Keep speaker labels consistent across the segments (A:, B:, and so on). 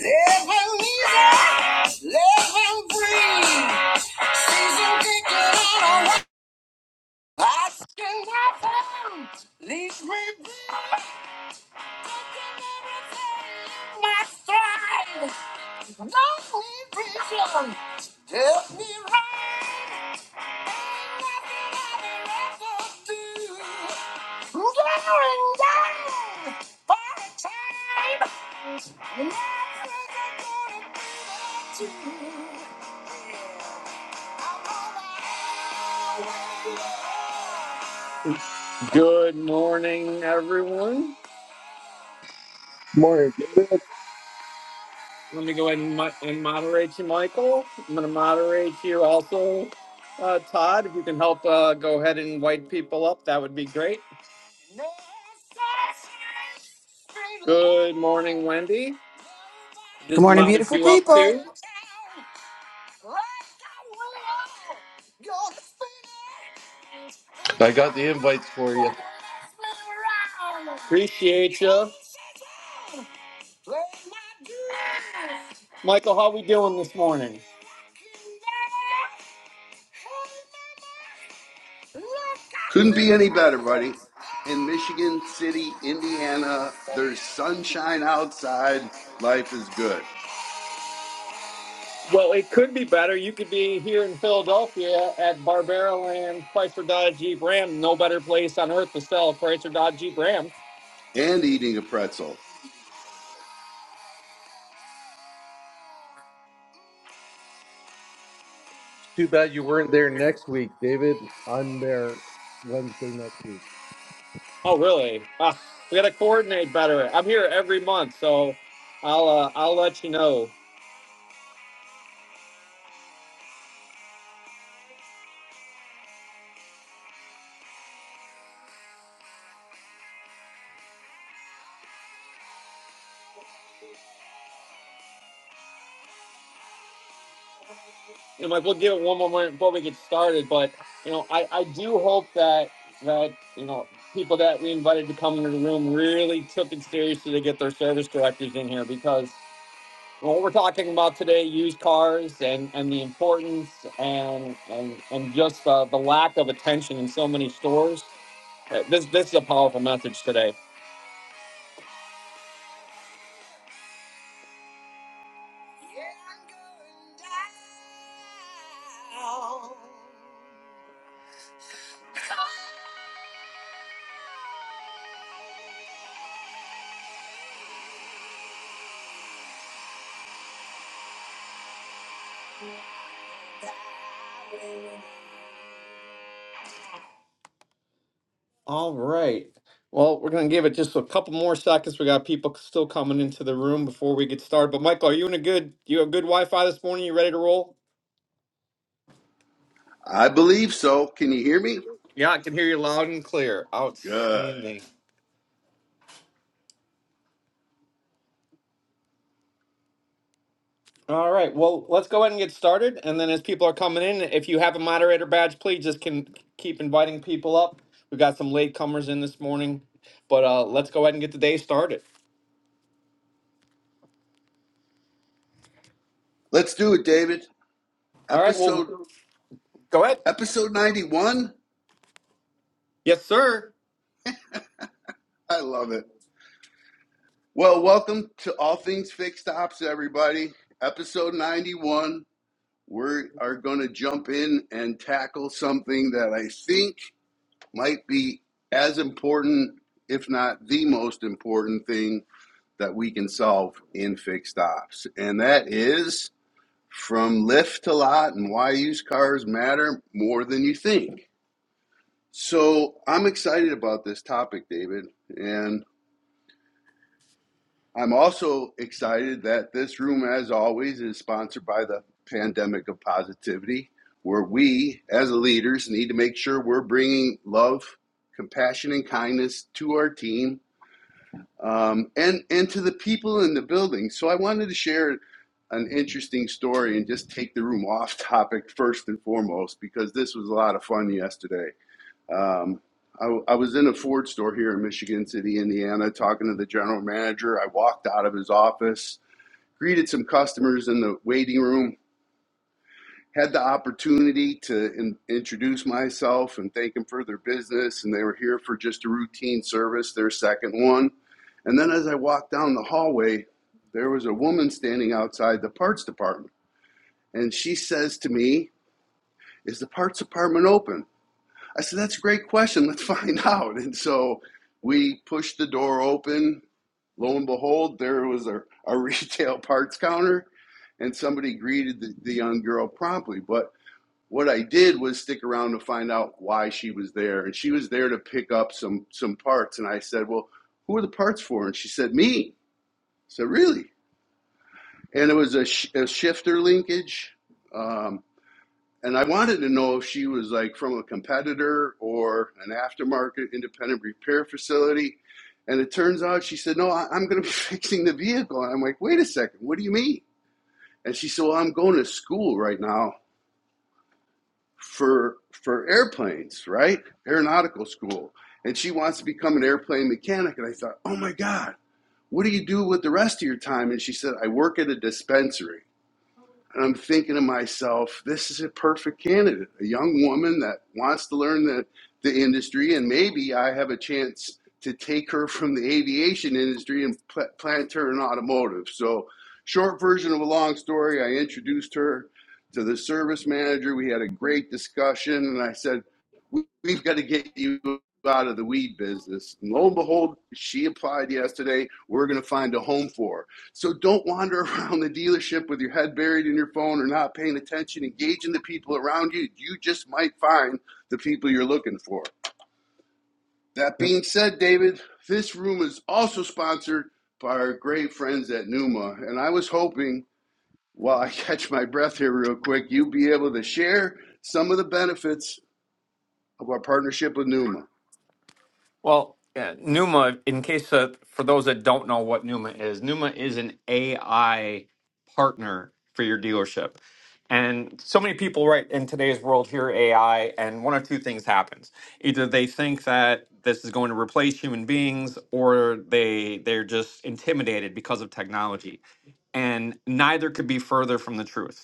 A: Let him music, let him breathe. Season ticket on a wa- I can nothing. Leash me be my stride. Don't need vision. Help me ride. Ain't nothing I'd rather do. Good morning, everyone.
B: Morning, David.
A: Let me go ahead and, mo- and moderate you, Michael. I'm going to moderate you also, uh, Todd. If you can help uh, go ahead and white people up, that would be great. Good morning, Wendy.
C: Good
A: Just
C: morning,
A: modded
C: beautiful
A: you up
C: people.
A: too.
B: I got the invites for you.
A: Appreciate you. Michael, how we doing this morning?
D: Couldn't be any better, buddy. In Michigan City, Indiana, there's sunshine outside. Life is good.
A: Well, it could be better. You could be here in Philadelphia at Barbaro Land Chrysler Dodge Jeep Ram. No better place on earth to sell a Chrysler Dodge Jeep Ram.
D: And eating a pretzel.
B: Too bad you weren't there next week, David. I'm there Wednesday next week.
A: Oh, really? Ah, we got to coordinate better. I'm here every month, so I'll uh, I'll let you know. you know, Mike, we'll give it one more minute before we get started. But you know, I, I do hope that that you know people that we invited to come into the room really took it seriously to get their service directors in here because what we're talking about today, used cars and and the importance and and and just uh, the lack of attention in so many stores. Uh, This this is a powerful message today. Yeah, All right. Well, we're going to give it just a couple more seconds. We got people still coming into the room before we get started. But Michael, are you in a good, you have good Wi-Fi this morning? You ready to roll?
D: I believe so. Can you hear me?
A: Yeah, I can hear you loud and clear.
D: Good.
A: Outstanding. All right, well, let's go ahead and get started, and then as people are coming in, if you have a moderator badge, please just can keep inviting people up. We've got some late comers in this morning, but uh, let's go ahead and get the day started.
D: Let's do it, David.
A: All right, well,
D: Episode
A: go ahead.
D: episode 91.
A: Yes, sir.
D: I love it. Well, welcome to All Things Fixed Ops, everybody. Episode 91. We are going to jump in and tackle something that I think might be as important, if not the most important thing that we can solve in fixed ops. And that is from lift to lot and why used cars matter more than you think. So I'm excited about this topic, David. And I'm also excited that this room, as always, is sponsored by the Pandemic of Positivity, where we, as leaders, need to make sure we're bringing love, compassion, and kindness to our team um, and and to the people in the building. So I wanted to share an interesting story and just take the room off topic first and foremost because this was a lot of fun yesterday. Um, I, I was in a Ford store here in Michigan City, Indiana, talking to the general manager. I walked out of his office, greeted some customers in the waiting room, had the opportunity to in, introduce myself and thank them for their business. And they were here for just a routine service, their second one. And then as I walked down the hallway, there was a woman standing outside the parts department. And she says to me, Is the parts department open? I said, That's a great question. Let's find out. And so we pushed the door open. Lo and behold, there was a our retail parts counter. And somebody greeted the, the young girl promptly. But what I did was stick around to find out why she was there, and she was there to pick up some some parts. And I said, "Well, who are the parts for?" And she said, "Me." I said, "Really?" And it was a, sh- a shifter linkage. Um, and I wanted to know if she was like from a competitor or an aftermarket independent repair facility. And it turns out she said, No, I- I'm going to be fixing the vehicle. And I'm like, Wait a second, what do you mean? And she said, Well, I'm going to school right now for for airplanes, right? Aeronautical school, and she wants to become an airplane mechanic. And I thought, oh my god, what do you do with the rest of your time? And she said, I work at a dispensary. And I'm thinking to myself, this is a perfect candidate, a young woman that wants to learn the, the industry, and maybe I have a chance to take her from the aviation industry and pl- plant her in automotive. So, short version of a long story, I introduced her to the service manager. We had a great discussion, and I said, "We- We've got to get you out of the weed business. And lo and behold, she applied yesterday. We're going to find a home for her. So don't wander around the dealership with your head buried in your phone or not paying attention. Engage in the people around you. You just might find the people you're looking for. That being said, David, this room is also sponsored by our great friends at Numa. And I was hoping, while I catch my breath here real quick, you'd be able to share some of the benefits of our partnership with Numa.
A: Well, yeah, Numa, in case uh, for those that don't know what Numa is, Numa is an AI partner for your dealership. And so many people right in today's world hear AI and one of two things happens. Either they think that this is going to replace human beings or they they're just intimidated because of technology. And neither could be further from the truth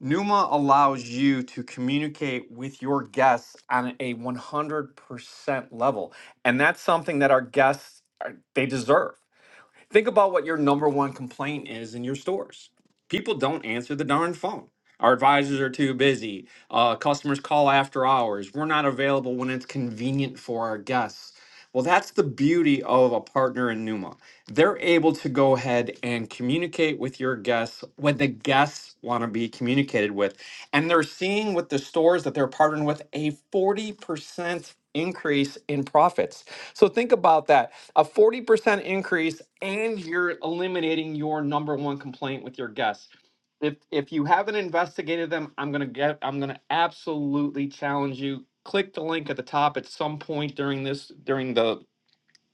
A: Numa allows you to communicate with your guests on a 100% level. And that's something that our guests are, they deserve. Think about what your number one complaint is in your stores. People don't answer the darn phone. Our advisors are too busy. Uh, customers call after hours. We're not available when it's convenient for our guests. Well, that's the beauty of a partner in Numa. They're able to go ahead and communicate with your guests when the guests want to be communicated with. And they're seeing with the stores that they're partnering with a 40% increase in profits. So think about that. A 40% increase and you're eliminating your number one complaint with your guests. If if you haven't investigated them, I'm going to get I'm going to absolutely challenge you click the link at the top at some point during this during the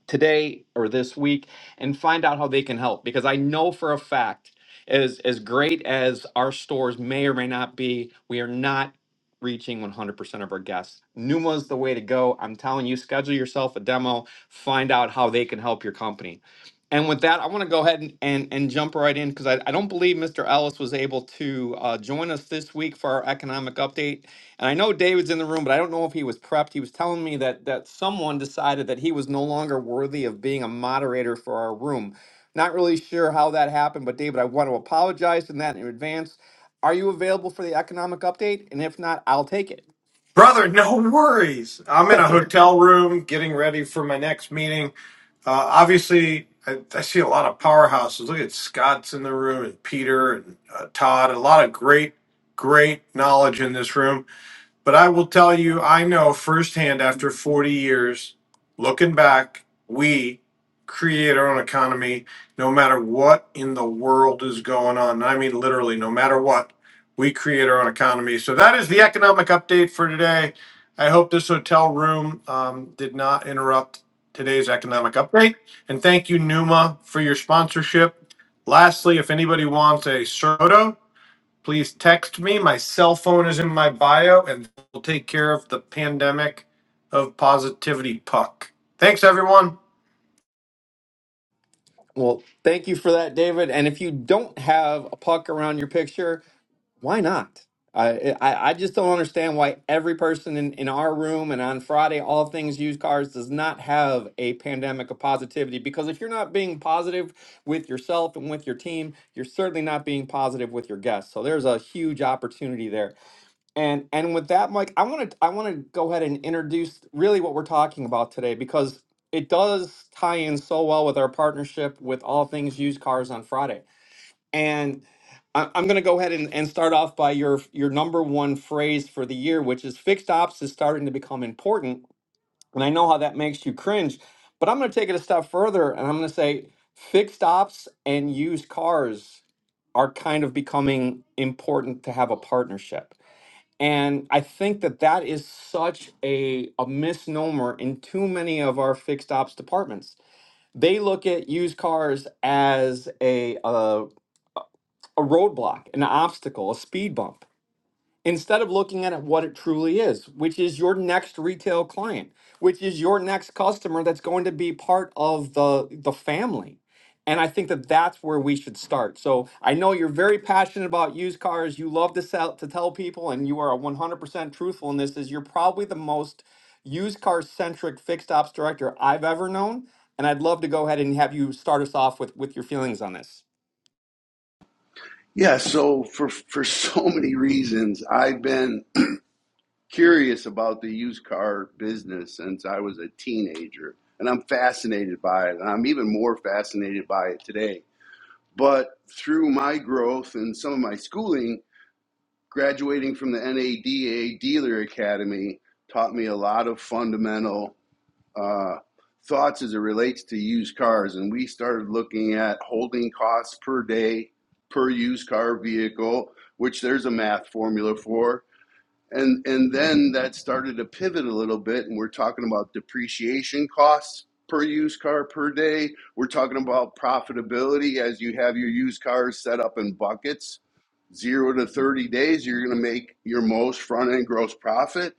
A: today or this week and find out how they can help because I know for a fact as as great as our stores may or may not be, we are not reaching 100% of our guests. Numa's the way to go. I'm telling you, schedule yourself a demo, find out how they can help your company. And with that, I want to go ahead and, and, and jump right in because I, I don't believe Mr. Ellis was able to uh, join us this week for our economic update and I know David's in the room, but I don't know if he was prepped. He was telling me that that someone decided that he was no longer worthy of being a moderator for our room. Not really sure how that happened, but David, I want to apologize in that in advance. Are you available for the economic update? And if not, I'll take it.
E: Brother, no worries. I'm in a hotel room getting ready for my next meeting. Uh, obviously, I, I see a lot of powerhouses. Look at Scott's in the room, and Peter and uh, Todd. A lot of great, great knowledge in this room. But I will tell you, I know firsthand after 40 years, looking back, we create our own economy no matter what in the world is going on. I mean, literally, no matter what, we create our own economy. So that is the economic update for today. I hope this hotel room um, did not interrupt today's economic update. And thank you, Numa, for your sponsorship. Lastly, if anybody wants a soda, Please text me. My cell phone is in my bio, and we'll take care of the pandemic of positivity puck. Thanks, everyone.
A: Well, thank you for that, David. And if you don't have a puck around your picture, why not? I, I, I just don't understand why every person in, in our room and on Friday, all things used cars, does not have a pandemic of positivity. Because if you're not being positive with yourself and with your team, you're certainly not being positive with your guests. So there's a huge opportunity there. And and with that, Mike, I want to I want to go ahead and introduce really what we're talking about today because it does tie in so well with our partnership with all things used cars on Friday. And I, I'm going to go ahead and, and start off by your your number one phrase for the year, which is fixed ops is starting to become important. And I know how that makes you cringe, but I'm going to take it a step further and I'm going to say fixed ops and used cars are kind of becoming important to have a partnership and I think that that is such a, a misnomer in too many of our fixed ops departments. They look at used cars as a, a, a roadblock, an obstacle, a speed bump instead of looking at it what it truly is, which is your next retail client, which is your next customer that's going to be part of the the family. And I think that that's where we should start. So I know you're very passionate about used cars. You love to sell to tell people, and you are 100% truthful in this. Is you're probably the most used car centric fixed ops director I've ever known. And I'd love to go ahead and have you start us off with with your feelings on this.
D: Yeah, so for, for so many reasons, I've been curious about the used car business since I was a teenager, and I'm fascinated by it. And I'm even more fascinated by it today. But through my growth and some of my schooling, graduating from the NADA Dealer Academy taught me a lot of fundamental uh, thoughts as it relates to used cars. And we started looking at holding costs per day per used car vehicle, which there's a math formula for and and then that started to pivot a little bit and we're talking about depreciation costs per used car per day we're talking about profitability as you have your used cars set up in buckets 0 to 30 days you're going to make your most front end gross profit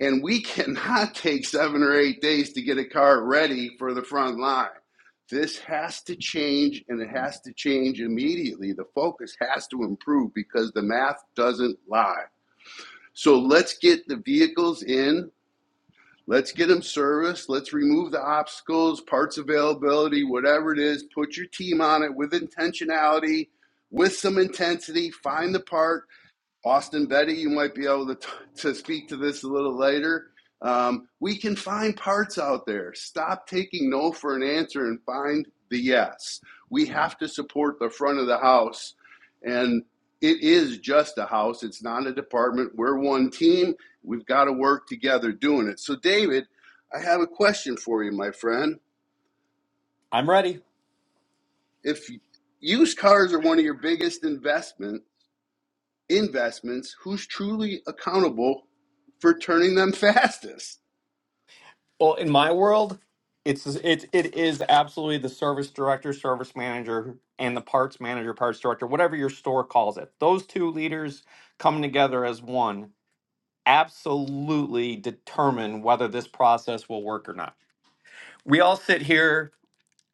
D: and we cannot take 7 or 8 days to get a car ready for the front line this has to change and it has to change immediately the focus has to improve because the math doesn't lie so let's get the vehicles in. Let's get them serviced. Let's remove the obstacles, parts availability, whatever it is. Put your team on it with intentionality, with some intensity. Find the part. Austin Betty, you might be able to, t- to speak to this a little later. Um, we can find parts out there. Stop taking no for an answer and find the yes. We have to support the front of the house. And it is just a house, it's not a department. We're one team. We've got to work together doing it. So, David, I have a question for you, my friend.
A: I'm ready.
D: If used cars are one of your biggest investments, investments who's truly accountable for turning them fastest.
A: Well, in my world, it's it it is absolutely the service director, service manager, and the parts manager, parts director, whatever your store calls it. Those two leaders coming together as one absolutely determine whether this process will work or not. We all sit here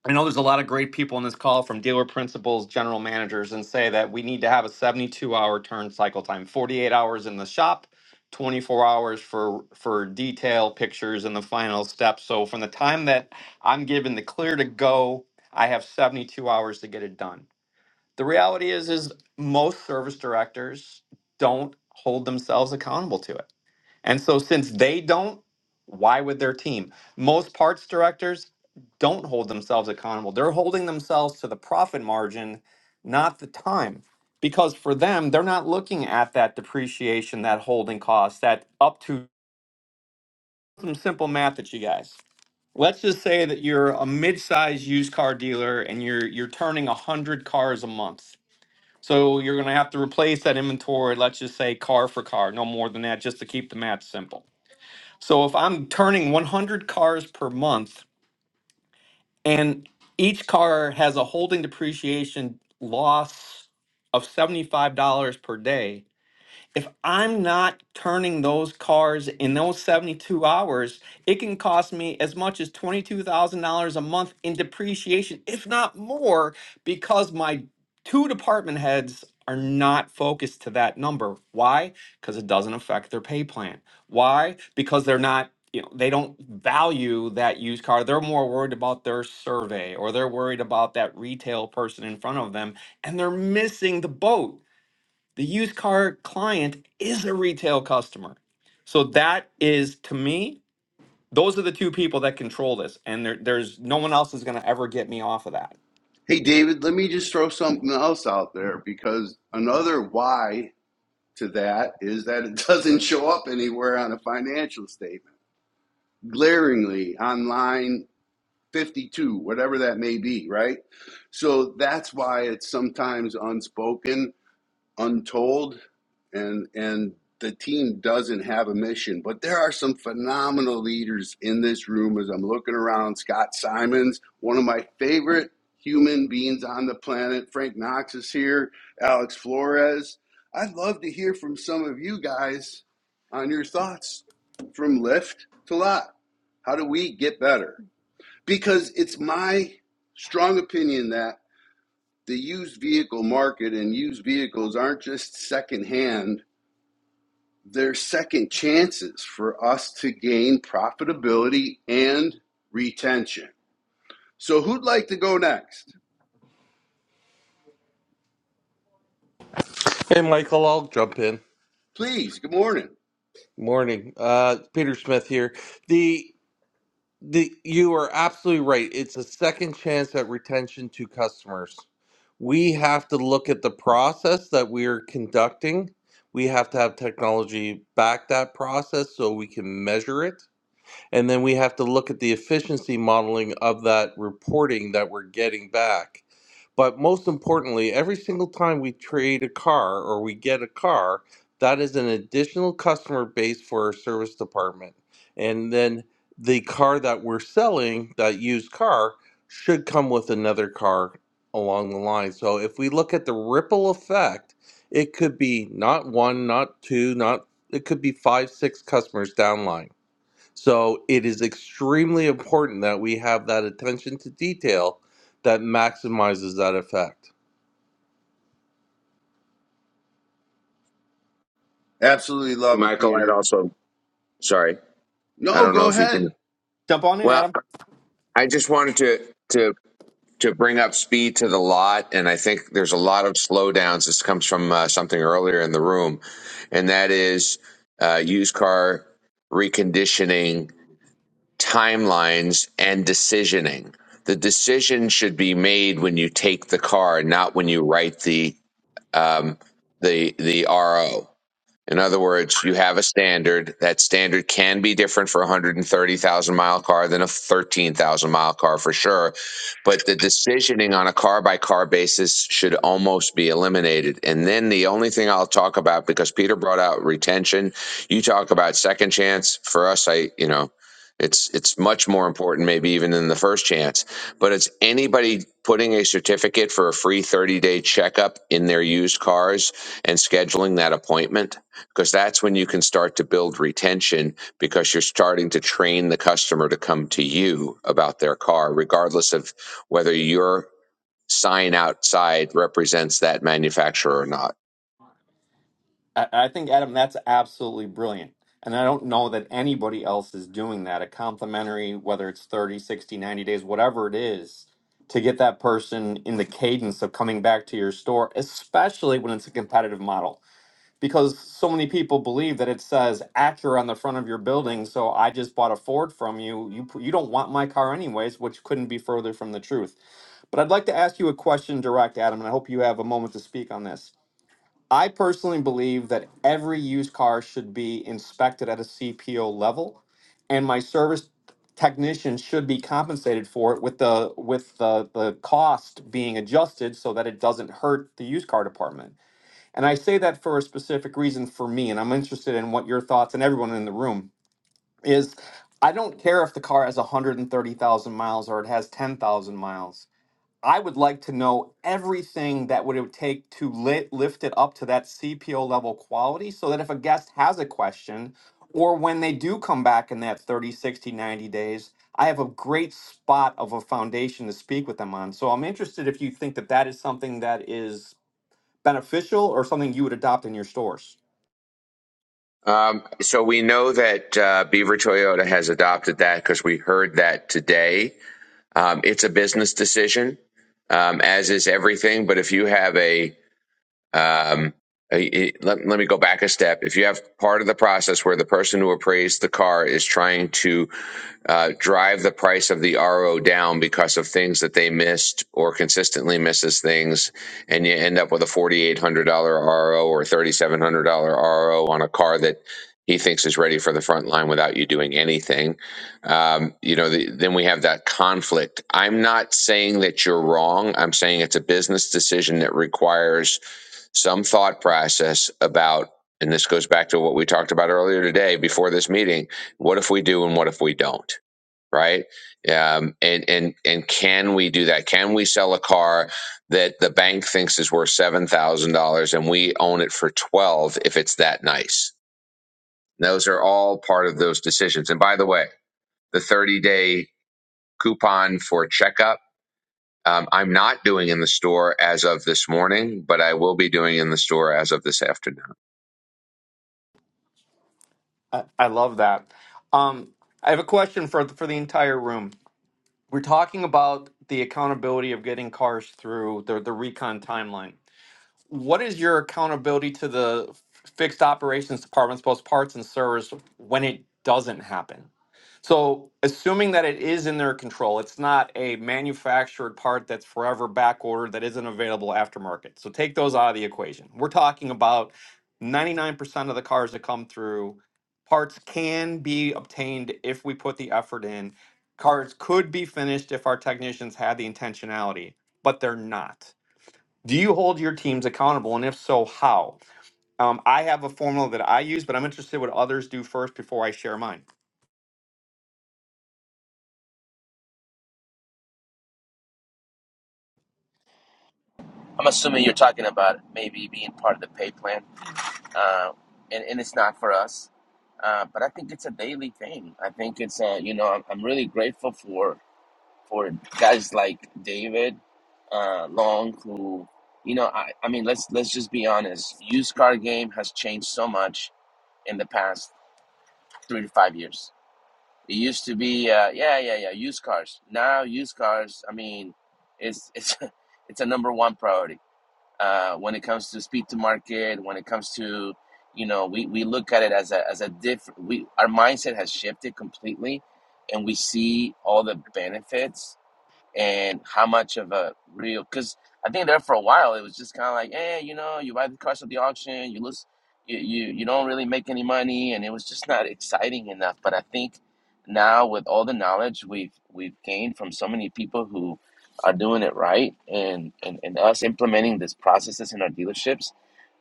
A: I know there's a lot of great people on this call from dealer principals, general managers, and say that we need to have a 72 hour turn cycle time, 48 hours in the shop, 24 hours for for detail pictures and the final step. So from the time that I'm given the clear to go, I have 72 hours to get it done. The reality is is most service directors don't hold themselves accountable to it and so, since they don't, why would their team? Most parts directors don't hold themselves accountable. They're holding themselves to the profit margin, not the time. Because for them, they're not looking at that depreciation, that holding cost, that up to some simple math at you guys. Let's just say that you're a mid-sized used car dealer and you're you're turning 100 cars a month. So you're going to have to replace that inventory, let's just say car for car, no more than that just to keep the math simple so if I'm turning 100 cars per month and each car has a holding depreciation loss of $75 per day, if I'm not turning those cars in those 72 hours, it can cost me as much as $22,000 a month in depreciation, if not more, because my two department heads are not focused to that number. Why? Because it doesn't affect their pay plan. Why? Because they're not. You know, they don't value that used car. They're more worried about their survey or they're worried about that retail person in front of them and they're missing the boat the used car client is a retail customer. So that is to me, those are the two people that control this. And there, there's no one else is going to ever get me off of that.
D: Hey, David, let me just throw something else out there because another why to that is that it doesn't show up anywhere on a financial statement, glaringly on line 52, whatever that may be, right? So that's why it's sometimes unspoken untold and and the team doesn't have a mission but there are some phenomenal leaders in this room as i'm looking around scott simons one of my favorite human beings on the planet frank knox is here alex flores i'd love to hear from some of you guys on your thoughts from lift to lot how do we get better because it's my strong opinion that the used vehicle market and used vehicles aren't just secondhand, they're second chances for us to gain profitability and retention. So, who'd like to go next?
B: Hey, Michael, I'll jump in.
D: Please, good morning.
B: Morning, uh, Peter Smith here. The the you are absolutely right. It's a second chance at retention to customers. We have to look at the process that we are conducting. We have to have technology back that process so we can measure it. And then we have to look at the efficiency modeling of that reporting that we're getting back. But most importantly, every single time we trade a car or we get a car, that is an additional customer base for our service department. And then the car that we're selling, that used car, should come with another car along the line. So if we look at the ripple effect, it could be not one, not two, not it could be five, six customers downline so it is extremely important that we have that attention to detail that maximizes that effect.
D: Absolutely love it,
F: Michael, I'd
D: Peter.
F: also sorry, I
D: No,
F: don't know
D: go
F: if you can.
D: ahead.
A: Jump on in,
F: Well,
A: Adam.
F: I just wanted to to to bring up speed to the lot, and I think there's a lot of slowdowns. This comes from uh, something earlier in the room, and that is uh, used car reconditioning timelines and decisioning. The decision should be made when you take the car, not when you write the um, the the RO In other words, you have a standard. That standard can be different for a 130,000 mile car than a 13,000 mile car for sure. But the decisioning on a car by car basis should almost be eliminated. And then the only thing I'll talk about, because Peter brought out retention, you talk about second chance. For us, I, you know, it's it's much more important maybe even than the first chance but it's anybody putting a certificate for a free 30 day checkup in their used cars and scheduling that appointment because that's when you can start to build retention because you're starting to train the customer to come to you about their car, regardless of whether your sign outside represents that manufacturer or not.
A: I, I think, Adam, that's absolutely brilliant. And I don't know that anybody else is doing that. A complimentary, whether it's 30, 60, 90 days, whatever it is, to get that person in the cadence of coming back to your store, especially when it's a competitive model because so many people believe that it says Acura on the front of your building. So I just bought a Ford from you. You p- you don't want my car anyways, which couldn't be further from the truth. But I'd like to ask you a question direct, Adam, and I hope you have a moment to speak on this. I personally believe that every used car should be inspected at a CPO level, and my service technician should be compensated for it with the with the, the cost being adjusted so that it doesn't hurt the used car department. And I say that for a specific reason for me, and I'm interested in what your thoughts and everyone in the room is. I don't care if the car has 130,000 miles or it has 10,000 miles. I would like to know everything that would it would take to li- lift it up to that CPO level quality so that if a guest has a question or when they do come back in that 30, 60, 90 days, I have a great spot of a foundation to speak with them on. So I'm interested if you think that that is something that is beneficial or something you would adopt in your stores.
F: Um, so we know that uh, Beaver Toyota has adopted that because we heard that today. Um, it's a business decision, um, as is everything. But if you have a Um, it- let, let me go back a step. If you have part of the process where the person who appraised the car is trying to uh, drive the price of the RO down because of things that they missed or consistently misses things, and you end up with a $4,800 RO or $3,700 RO on a car that he thinks is ready for the front line without you doing anything. Um, you know, the, then we have that conflict. I'm not saying that you're wrong. I'm saying it's a business decision that requires some thought process about, and this goes back to what we talked about earlier today before this meeting what if we do and what if we don't? right? Um, and and and can we do that? Can we sell a car that the bank thinks is worth seven thousand dollars and we own it for twelve if it's that nice? And Those are all part of those decisions. And by the way, the thirty day coupon for checkup. Um, I'm not doing in the store as of this morning, but I will be doing in the store as of this afternoon.
A: I, I love that. Um, I have a question for for the entire room. We're talking about the accountability of getting cars through the, the recon timeline. what is your accountability to the f- fixed operations departments, both parts and servers, when it doesn't happen? So, assuming that it is in their control, it's not a manufactured part that's forever back ordered that isn't available aftermarket. So, take those out of the equation. We're talking about 99% of the cars that come through, parts can be obtained if we put the effort in. Cars could be finished if our technicians had the intentionality, but they're not. Do you hold your teams accountable? And if so, how? Um, I have a formula that I use, but I'm interested what others do first before I share mine.
G: I'm assuming you're talking about maybe being part of the pay plan, uh, and, and it's not for us. Uh, but I think it's a daily thing. I think it's, uh, you know, I'm, I'm really grateful for for guys like David uh, Long, who, you know, I, I mean, let's let's just be honest. Used car game has changed so much in the past three to five years. It used to be, uh, yeah, yeah, yeah, used cars. Now used cars, I mean, it's it's it's a number one priority uh, when it comes to speed to market, when it comes to, you know, we, we look at it as a, as a different, we, our mindset has shifted completely and we see all the benefits and how much of a real because I think there for a while it was just kind of like, eh, you know, you buy the cars at the auction, you lose, you, you you don't really make any money, and it was just not exciting enough. But I think now with all the knowledge we've we've gained from so many people who are doing it right, and and, and us implementing these processes in our dealerships,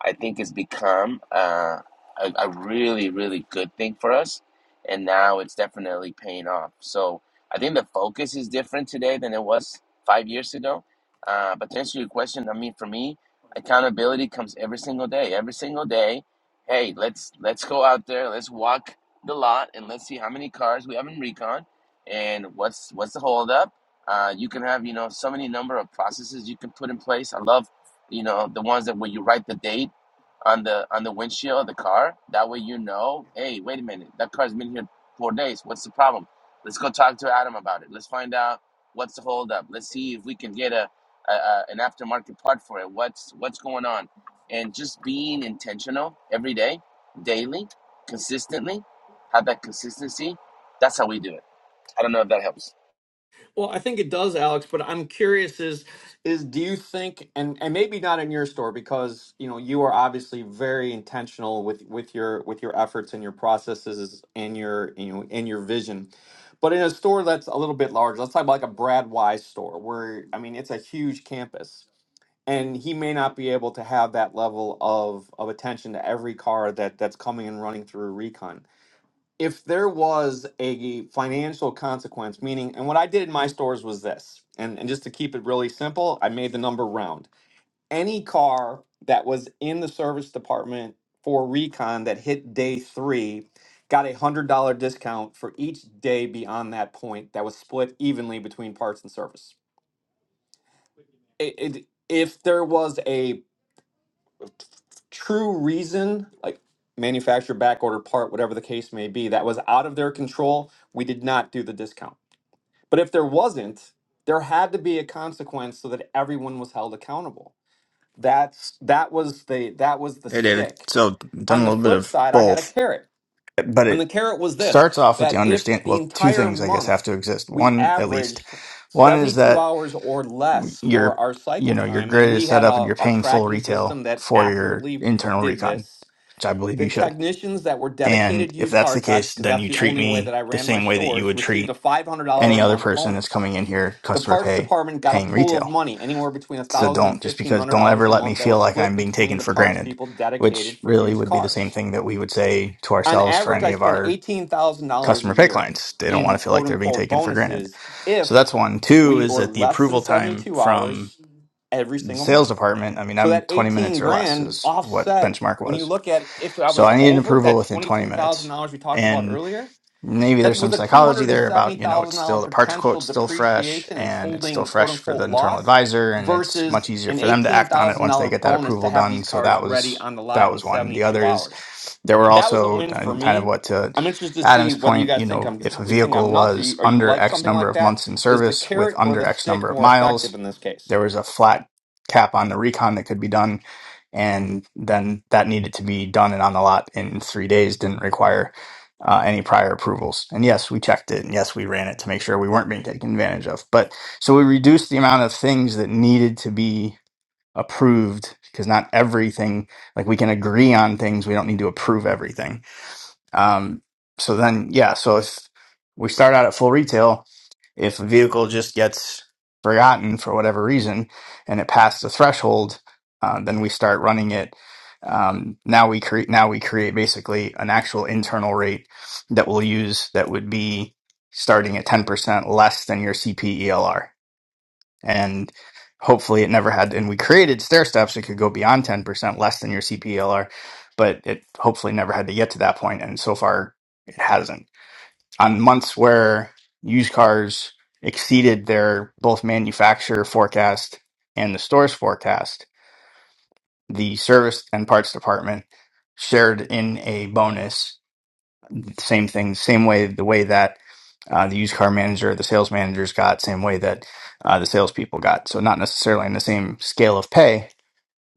G: I think it's become uh, a, a really really good thing for us, and now it's definitely paying off. So I think the focus is different today than it was five years ago. Uh, but to answer your question, I mean, for me, accountability comes every single day. Every single day, hey, let's let's go out there, let's walk the lot, and let's see how many cars we have in recon, and what's what's the holdup. Uh, you can have you know so many number of processes you can put in place. I love you know the ones that where you write the date on the on the windshield of the car. That way you know, hey, wait a minute, that car's been here four days. What's the problem? Let's go talk to Adam about it. Let's find out what's the holdup. Let's see if we can get a, a, a an aftermarket part for it. What's what's going on? And just being intentional every day, daily, consistently, have that consistency. That's how we do it. I don't know if that helps.
A: Well, I think it does, Alex, but I'm curious is Is do you think, and, and maybe not in your store because you know you are obviously very intentional with with your with your efforts and your processes and your you know and your vision, but in a store that's a little bit larger, let's talk about like a Brad Wise store where I mean it's a huge campus. and he may not be able to have that level of of attention to every car that that's coming and running through recon if there was a financial consequence meaning and what i did in my stores was this and and just to keep it really simple i made the number round any car that was in the service department for recon that hit day 3 got a $100 discount for each day beyond that point that was split evenly between parts and service it, it, if there was a true reason, like manufacturer backorder part, whatever the case may be, that was out of their control, we did not do the discount. But if there wasn't, there had to be a consequence so that everyone was held accountable. That's that was the that was the
H: Hey, David.
A: stick.
H: So, done
A: On
H: a
A: the
H: little bit
A: flip
H: of
A: side, I had a
H: both,
A: carrot.
H: but
A: And the
H: it
A: carrot was this
H: starts off with the
A: that if
H: understand.
A: the
H: Well, two
A: entire
H: things I guess have to
A: month
H: exist.
A: we
H: One, at least,
A: averaged
H: one is
A: 72
H: that
A: hours or less for
H: your
A: our
H: you
A: cycle
H: know your
A: time, and
H: grid is
A: we
H: set
A: had
H: up and
A: a,
H: you're
A: a
H: paying full
A: tracking
H: retail
A: system that
H: for your
A: accurately
H: internal
A: did
H: recon,
A: this,
H: which I believe
A: the
H: you should.
A: technicians that were
H: And
A: dedicated
H: if
A: used
H: that's
A: car
H: the
A: techs,
H: case,
A: because
H: then
A: that's
H: you
A: the
H: treat
A: only way that
H: me
A: I
H: the
A: ran my
H: same way that you
A: stores,
H: would
A: received a
H: treat
A: $500
H: any
A: a
H: other
A: month
H: person that's
A: bonus.
H: coming in here,
A: The
H: customer
A: parts
H: pay,
A: department got a
H: paying
A: pool
H: retail.
A: of money, anywhere between
H: so
A: $1,000 and
H: don't just because don't ever
A: $1,500 a
H: let me
A: month, that
H: feel
A: was
H: like
A: split
H: I'm being
A: between
H: taken
A: the
H: for
A: parts
H: granted,
A: people dedicated
H: which
A: for
H: really
A: used
H: would be the same
A: cars
H: thing that we would say to
A: on
H: ourselves for
A: average,
H: any
A: I
H: of
A: spend
H: our
A: eighteen thousand dollars a
H: customer pay
A: year
H: clients. They don't want
A: in
H: to feel like
A: quote
H: they're being
A: unquote
H: taken for granted.
A: bonuses
H: So that's
A: if
H: one. Two
A: we
H: is
A: were
H: that the
A: less than
H: approval time
A: seventy-two
H: from
A: hours every
H: the
A: single
H: sales
A: month.
H: department, I mean,
A: So
H: I'm
A: that
H: 20
A: eighteen
H: minutes or less
A: grand
H: is what
A: offset
H: benchmark
A: when you
H: was.
A: look at if I
H: So
A: was
H: I need an
A: over
H: approval
A: that
H: within 20
A: twenty-two thousand
H: minutes.
A: dollars we talked about
H: And
A: earlier,
H: maybe
A: that
H: there's
A: was
H: some
A: a two
H: psychology
A: hundred and
H: there
A: seventy
H: about you know
A: thousand
H: it's
A: dollar
H: still the parts
A: potential
H: quote's still fresh
A: depreciation and
H: and it's still
A: holding quote
H: fresh for the
A: unquote
H: internal
A: loss
H: advisor and it's much
A: versus
H: easier
A: an
H: for them to
A: eighteen
H: act on it
A: thousand
H: once they
A: dollar
H: get that
A: bonus to
H: approval
A: have these
H: done so
A: cars
H: that
A: ready
H: was
A: on the lot
H: that
A: in
H: was one the
A: seventy-two
H: other is
A: hours
H: there were
A: that was a
H: also
A: win
H: i
A: for
H: think kind of
A: me.
H: what to
A: I'm interested to see
H: adam's
A: whether you
H: point you
A: guys think
H: know
A: I'm
H: if a
A: you think I'm
H: vehicle
A: nuts or
H: was
A: you, or you
H: under
A: like
H: x
A: something
H: number
A: like
H: of
A: that.
H: months in
A: Is the
H: service with
A: carrot or
H: under
A: the
H: x number
A: stick
H: of
A: more effective
H: miles
A: in this case?
H: there was a flat cap on the recon that could be done and then that needed to be done and on the lot in three days didn't require uh, any prior approvals. And yes, we checked it. And yes, we ran it to make sure we weren't being taken advantage of. But so we reduced the amount of things that needed to be approved because not everything, like we can agree on things, we don't need to approve everything. Um, so then, yeah. So if we start out at full retail, if a vehicle just gets forgotten for whatever reason and it passed the threshold, uh, then we start running it. Um, now we create now we create basically an actual internal rate that we'll use that would be starting at ten percent less than your CPELR and hopefully it never had and we created stair steps it could go beyond 10% less than your cplr but it hopefully never had to get to that point point. and so far it hasn't on months where used cars exceeded their both manufacturer forecast and the store's forecast the service and parts department shared in a bonus same thing, same way, the way that uh, the used car manager, the sales managers got, same way that uh, the salespeople got. So not necessarily in the same scale of pay,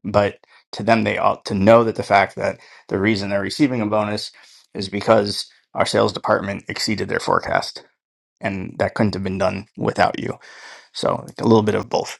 H: but to them, they ought to know that the fact that the reason they're receiving a bonus is because our sales department exceeded their forecast, and that couldn't have been done without you. So like, a little bit of both.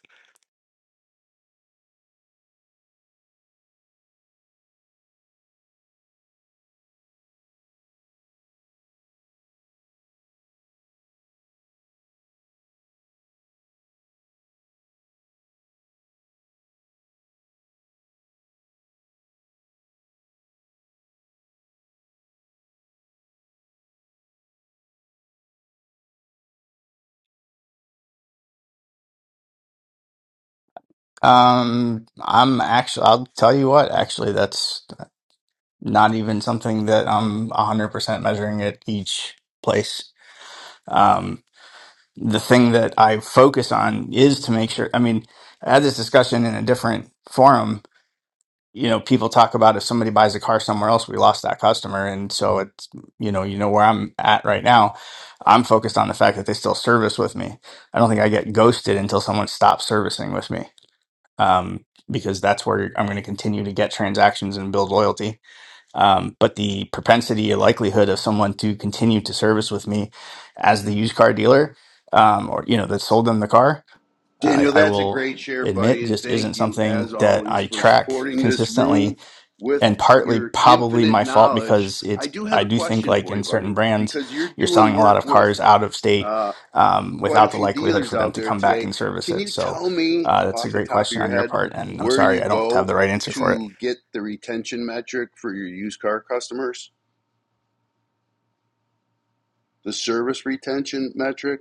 H: Um, I'm actually, I'll tell you what, actually, that's not even something that I'm 100% measuring at each place. Um, the thing that I focus on is to make sure. I mean, I had this discussion in a different forum. You know, people talk about if somebody buys a car somewhere else, we lost that customer. And so it's, you know, you know where I'm at right now. I'm focused on the fact that they still service with me. I don't think I get ghosted until someone stops servicing with me um, because that's where I'm going to continue to get transactions and build loyalty um, but the propensity or likelihood of someone to continue to service with me as the used car dealer, um, or you know, that sold them the car, I
D: Daniel,
H: I
D: that's a
H: will
D: great share,
H: admit
D: buddy. And
H: just isn't
D: thank you,
H: something
D: as
H: that
D: always,
H: I
D: for
H: track
D: supporting this room
H: consistently,
D: with
H: and partly
D: your
H: probably
D: infinite
H: my fault
D: knowledge.
H: because it's
D: I do have
H: I
D: a
H: do think
D: question
H: like
D: for
H: in
D: you,
H: certain
D: buddy,
H: brands,
D: because you're
H: you're
D: doing
H: selling a lot
D: work
H: of
D: with
H: cars out of state
D: uh,
H: um,
D: quite a
H: without the
D: few
H: likelihood
D: dealers
H: for them
D: out
H: to
D: there
H: come back
D: today.
H: and service
D: Can
H: it.
D: you
H: So
D: tell me
H: uh, that's a
D: off the
H: great
D: top of
H: question on
D: your
H: your
D: head
H: part, and I'm
D: where
H: sorry
D: you
H: I don't have
D: go
H: the right answer for it.
D: to get the retention metric for your used car customers? The service retention metric?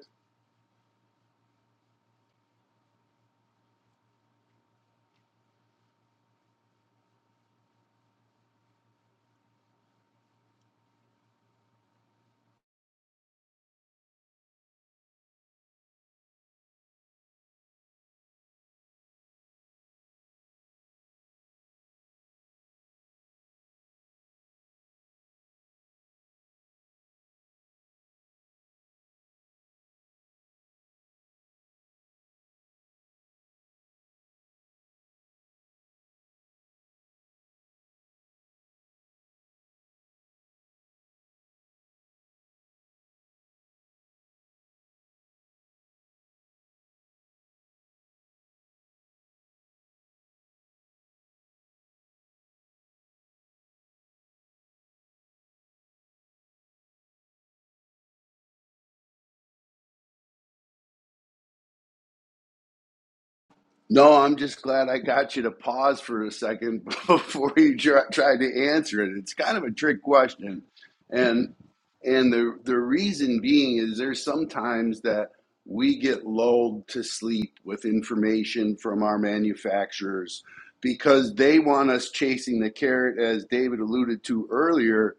D: No, I'm just glad I got you to pause for a second before you tr- tried to answer it. It's kind of a trick question, and and the the reason being is there's sometimes that we get lulled to sleep with information from our manufacturers because they want us chasing the carrot, as David alluded to earlier.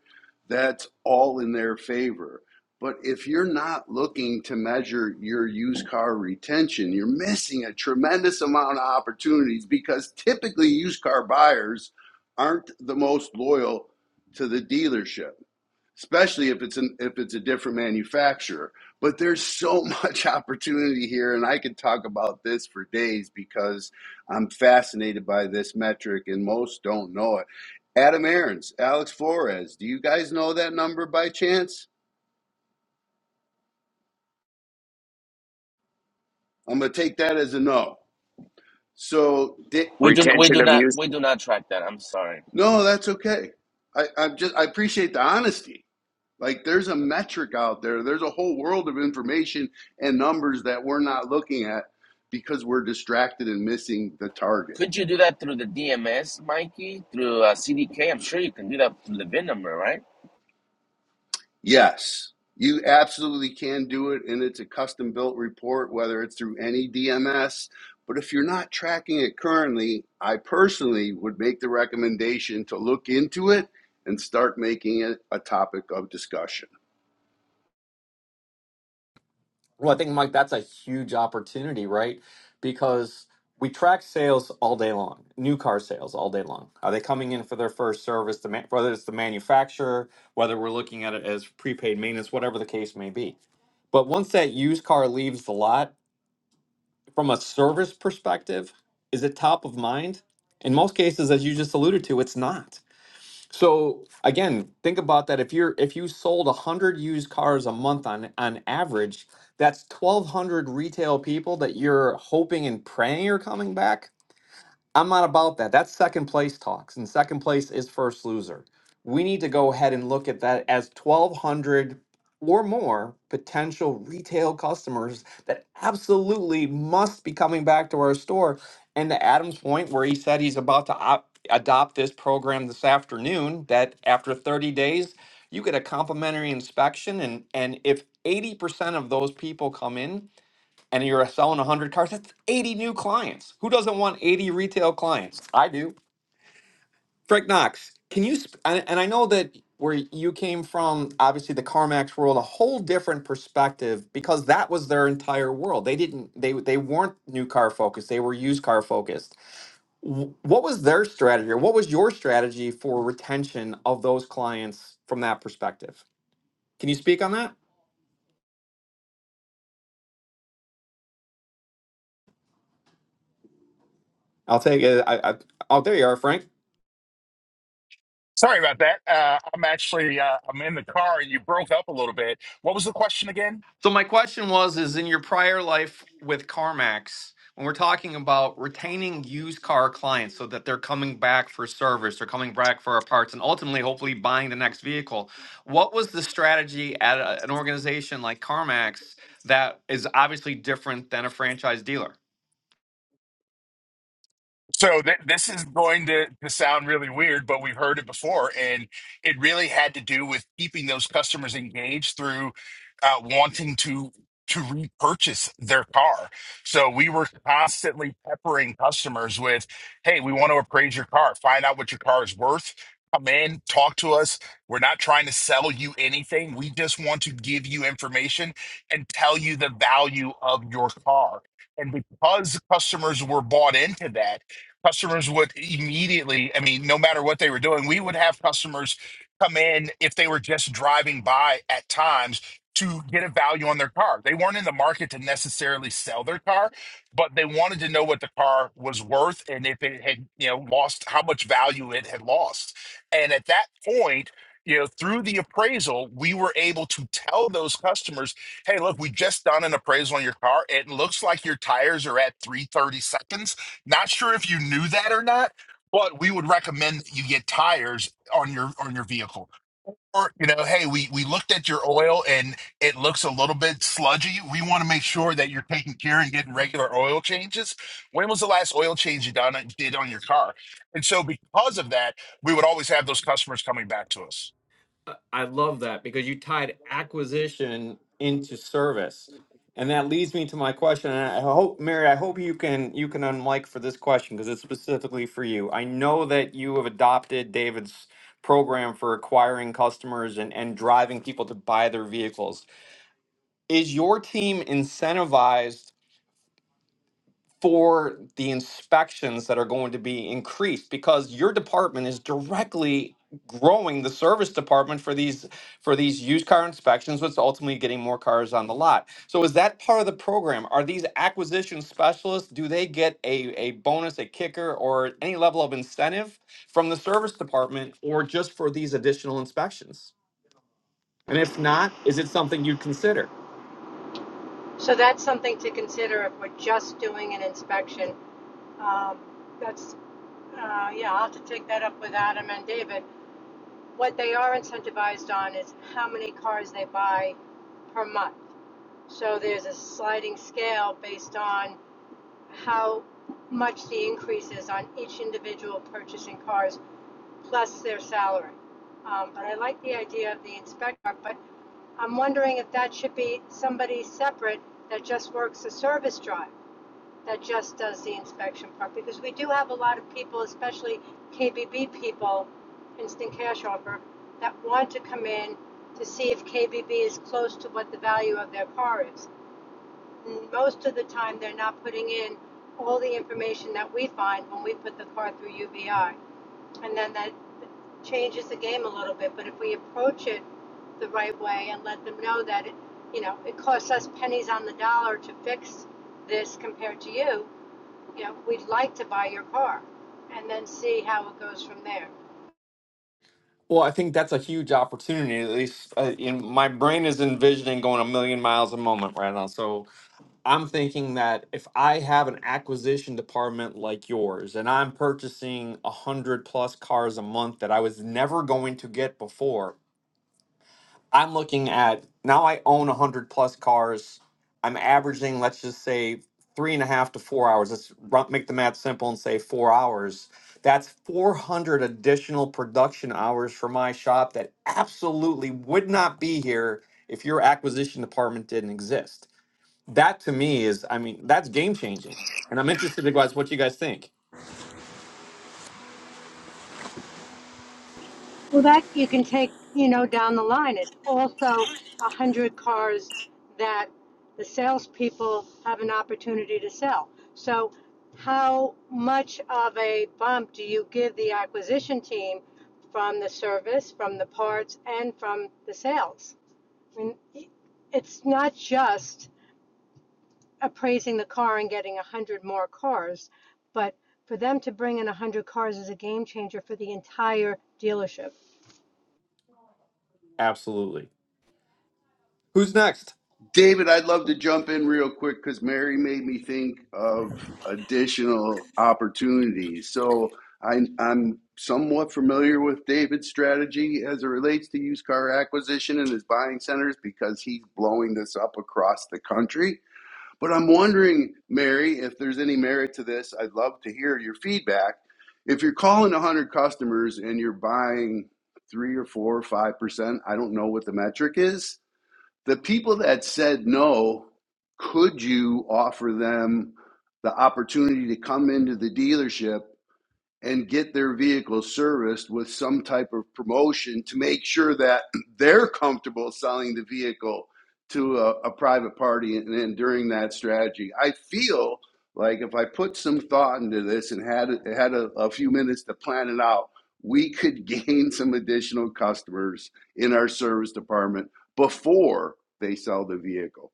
D: That's all in their favor. But if you're not looking to measure your used car retention, you're missing a tremendous amount of opportunities because typically used car buyers aren't the most loyal to the dealership, especially if it's an, if it's a different manufacturer. But there's so much opportunity here, and I could talk about this for days because I'm fascinated by this metric, and most don't know it. Adam Aarons, Alex Flores, do you guys know that number by chance? I'm gonna take that as a no. So did
G: We do we
F: Retention,
G: do not we do not track that. I'm sorry.
D: no, that's okay. I, I'm just I appreciate the honesty. Like there's a metric out there. There's a whole world of information and numbers that we're not looking at because we're distracted and missing the target.
G: Could you do that through the DMS, Mikey? Through uh, CDK? I'm sure you can do that through the VIN number, right?
D: Yes, you absolutely can do it, and it's a custom built report, whether it's through any DMS. But if you're not tracking it currently, I personally would make the recommendation to look into it and start making it a topic of discussion.
A: Well, I think Mike, that's a huge opportunity, right? Because we track sales all day long, new car sales all day long. Are they coming in for their first service? The man, whether it's the manufacturer, whether we're looking at it as prepaid maintenance, whatever the case may be. But once that used car leaves the lot, from a service perspective, is it top of mind? In most cases, as you just alluded to, it's not. So again, think about that. If you're if you sold one hundred used cars a month on on average, that's twelve hundred retail people that you're hoping and praying are coming back I'm not about that. That's second place talks, and second place is first loser. We need to go ahead and look at that as 1,200 or more potential retail customers that absolutely must be coming back to our store. And to Adam's point, where he said he's about to op- adopt this program this afternoon, that after 30 days, you get a complimentary inspection. And, and if 80% of those people come in, and you're selling 100 cars, that's 80 new clients. Who doesn't want 80 retail clients? I do. Frank Knox, can you, sp- and, and I know that where you came from, obviously the CarMax world, a whole different perspective because that was their entire world. They didn't, they, they weren't new car focused, they were used car focused. Wh- What was their strategy or what was your strategy for retention of those clients from that perspective? Can you speak on that? I'll take it. I, I, oh, there you are, Frank.
I: Sorry about that. Uh, I'm actually uh, I'm in the car. You broke up a little bit. What was the question again?
A: So my question was is in your prior life with CarMax, when we're talking about retaining used car clients so that they're coming back for service, they're coming back for our parts and ultimately hopefully buying the next vehicle, what was the strategy at a, an organization like CarMax that is obviously different than a franchise dealer?
I: So th- this is going to, to sound really weird, but we've heard it before, and it really had to do with keeping those customers engaged through uh, wanting to to repurchase their car. So we were constantly peppering customers with, "Hey, we want to appraise your car, find out what your car is worth." Come in, talk to us. We're not trying to sell you anything. We just want to give you information and tell you the value of your car. And because customers were bought into that, customers would immediately i mean no matter what they were doing we would have customers come in if they were just driving by at times to get a value on their car they weren't in the market to necessarily sell their car but they wanted to know what the car was worth and if it had you know lost how much value it had lost and at that point you know through the appraisal we were able to tell those customers hey look we just done an appraisal on your car it looks like your tires are at 330 seconds not sure if you knew that or not, but we would recommend that you get tires on your on your vehicle. Or, you know, hey, we we looked at your oil and it looks a little bit sludgy. We want to make sure that you're taking care and getting regular oil changes. When was the last oil change you done did on your car? And so because of that, we would always have those customers coming back to us.
A: I I love that because you tied acquisition into service. And that leads me to my question. And I hope, Mary, I hope you can you can unmic for this question because it's specifically for you. I know that you have adopted David's program for acquiring customers and, and driving people to buy their vehicles. Is your team incentivized for the inspections that are going to be increased because your department is directly growing the service department for these for these used car inspections which ultimately getting more cars on the lot so is that part of the program are these acquisition specialists do they get a, a bonus a kicker or any level of incentive from the service department or just for these additional inspections and if not is it something you'd consider
J: So that's something to consider if we're just doing an inspection. Um, that's, uh, yeah, I'll have to take that up with Adam and David. What they are incentivized on is how many cars they buy per month. So there's a sliding scale based on how much the increase is on each individual purchasing cars plus their salary. Um, but I like the idea of the inspector, but I'm wondering if that should be somebody separate that just works a service drive that just does the inspection part, because we do have a lot of people, especially KBB people, instant cash offer, that want to come in to see if KBB is close to what the value of their car is. And Most of the time, they're not putting in all the information that we find when we put the car through UBI. And then that changes the game a little bit, but if we approach it the right way and let them know that it, you know, it costs us pennies on the dollar to fix this compared to you, you know, we'd like to buy your car and then see how it goes from there.
A: Well, I think that's a huge opportunity. At least uh, in my brain is envisioning going a million miles a moment right now. So I'm thinking that if I have an acquisition department like yours, and I'm purchasing a hundred plus cars a month that I was never going to get before, I'm looking at now I own 100 plus cars. I'm averaging, let's just say, three and a half to four hours. Let's ru- make the math simple and say four hours. That's 400 additional production hours for my shop that absolutely would not be here if your acquisition department didn't exist. That to me is, I mean, that's game changing. And I'm interested in guys, what you guys think.
J: Well, that you can take, you know, down the line. It also a hundred cars that the salespeople have an opportunity to sell. So how much of a bump do you give the acquisition team from the service, from the parts, and from the sales? I mean, it's not just appraising the car and getting a hundred more cars. But for them to bring in a hundred cars is a game changer for the entire dealership.
A: Absolutely. Who's next?
D: David, I'd love to jump in real quick because Mary made me think of additional opportunities. So I, I'm somewhat familiar with David's strategy as it relates to used car acquisition and his buying centers because he's blowing this up across the country. But I'm wondering, Mary, if there's any merit to this. I'd love to hear your feedback. If you're calling 100 customers and you're buying three or four or five percent, I don't know what the metric is the people that said no, could you offer them the opportunity to come into the dealership and get their vehicle serviced with some type of promotion to make sure that they're comfortable selling the vehicle to a, a private party and then during that strategy i feel like if i put some thought into this and had had a, a few minutes to plan it out we could gain some additional customers in our service department before they sell the vehicle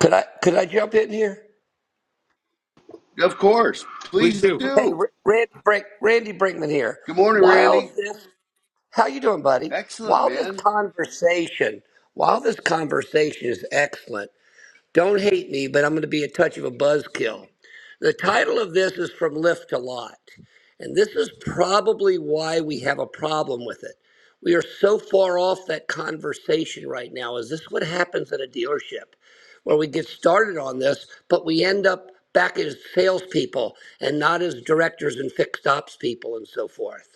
K: Could I could I jump in here?
D: of course
A: Please
D: please
A: do.
K: Hey,
D: do
K: R- Randy Brink, Randy Brinkman here.
D: good morning
K: While
D: randy
K: this, how you doing, buddy?
D: excellent
K: While this
D: man
K: conversation, while this conversation is excellent, don't hate me, but I'm going to be a touch of a buzzkill. The title of this is from Lift to Lot. And this is probably why we have a problem with it. We are so far off that conversation right now. Is this what happens at a dealership where we get started on this, but we end up back as salespeople and not as directors and fixed ops people and so forth?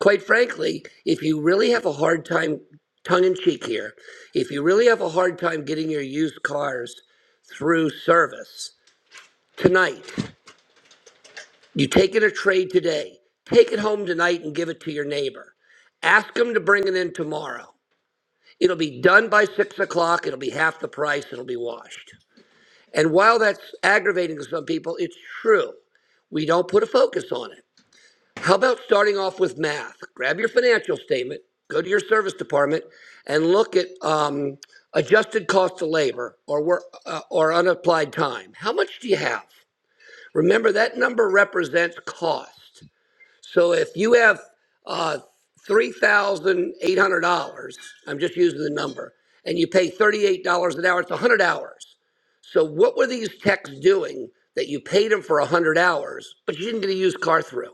K: Quite frankly, if you really have a hard time, tongue in cheek here, if you really have a hard time getting your used cars through service tonight, you take it a trade today, take it home tonight and give it to your neighbor. Ask them to bring it in tomorrow. It'll be done by six o'clock, it'll be half the price, it'll be washed. And while that's aggravating to some people, it's true. We don't put a focus on it. How about starting off with math? Grab your financial statement, go to your service department, and look at um, adjusted cost of labor or, work, uh, or unapplied time. How much do you have? Remember, that number represents cost. So if you have uh, $3,800, I'm just using the number, and you pay $38 an hour, it's 100 hours. So what were these techs doing that you paid them for 100 hours, but you didn't get a used car through?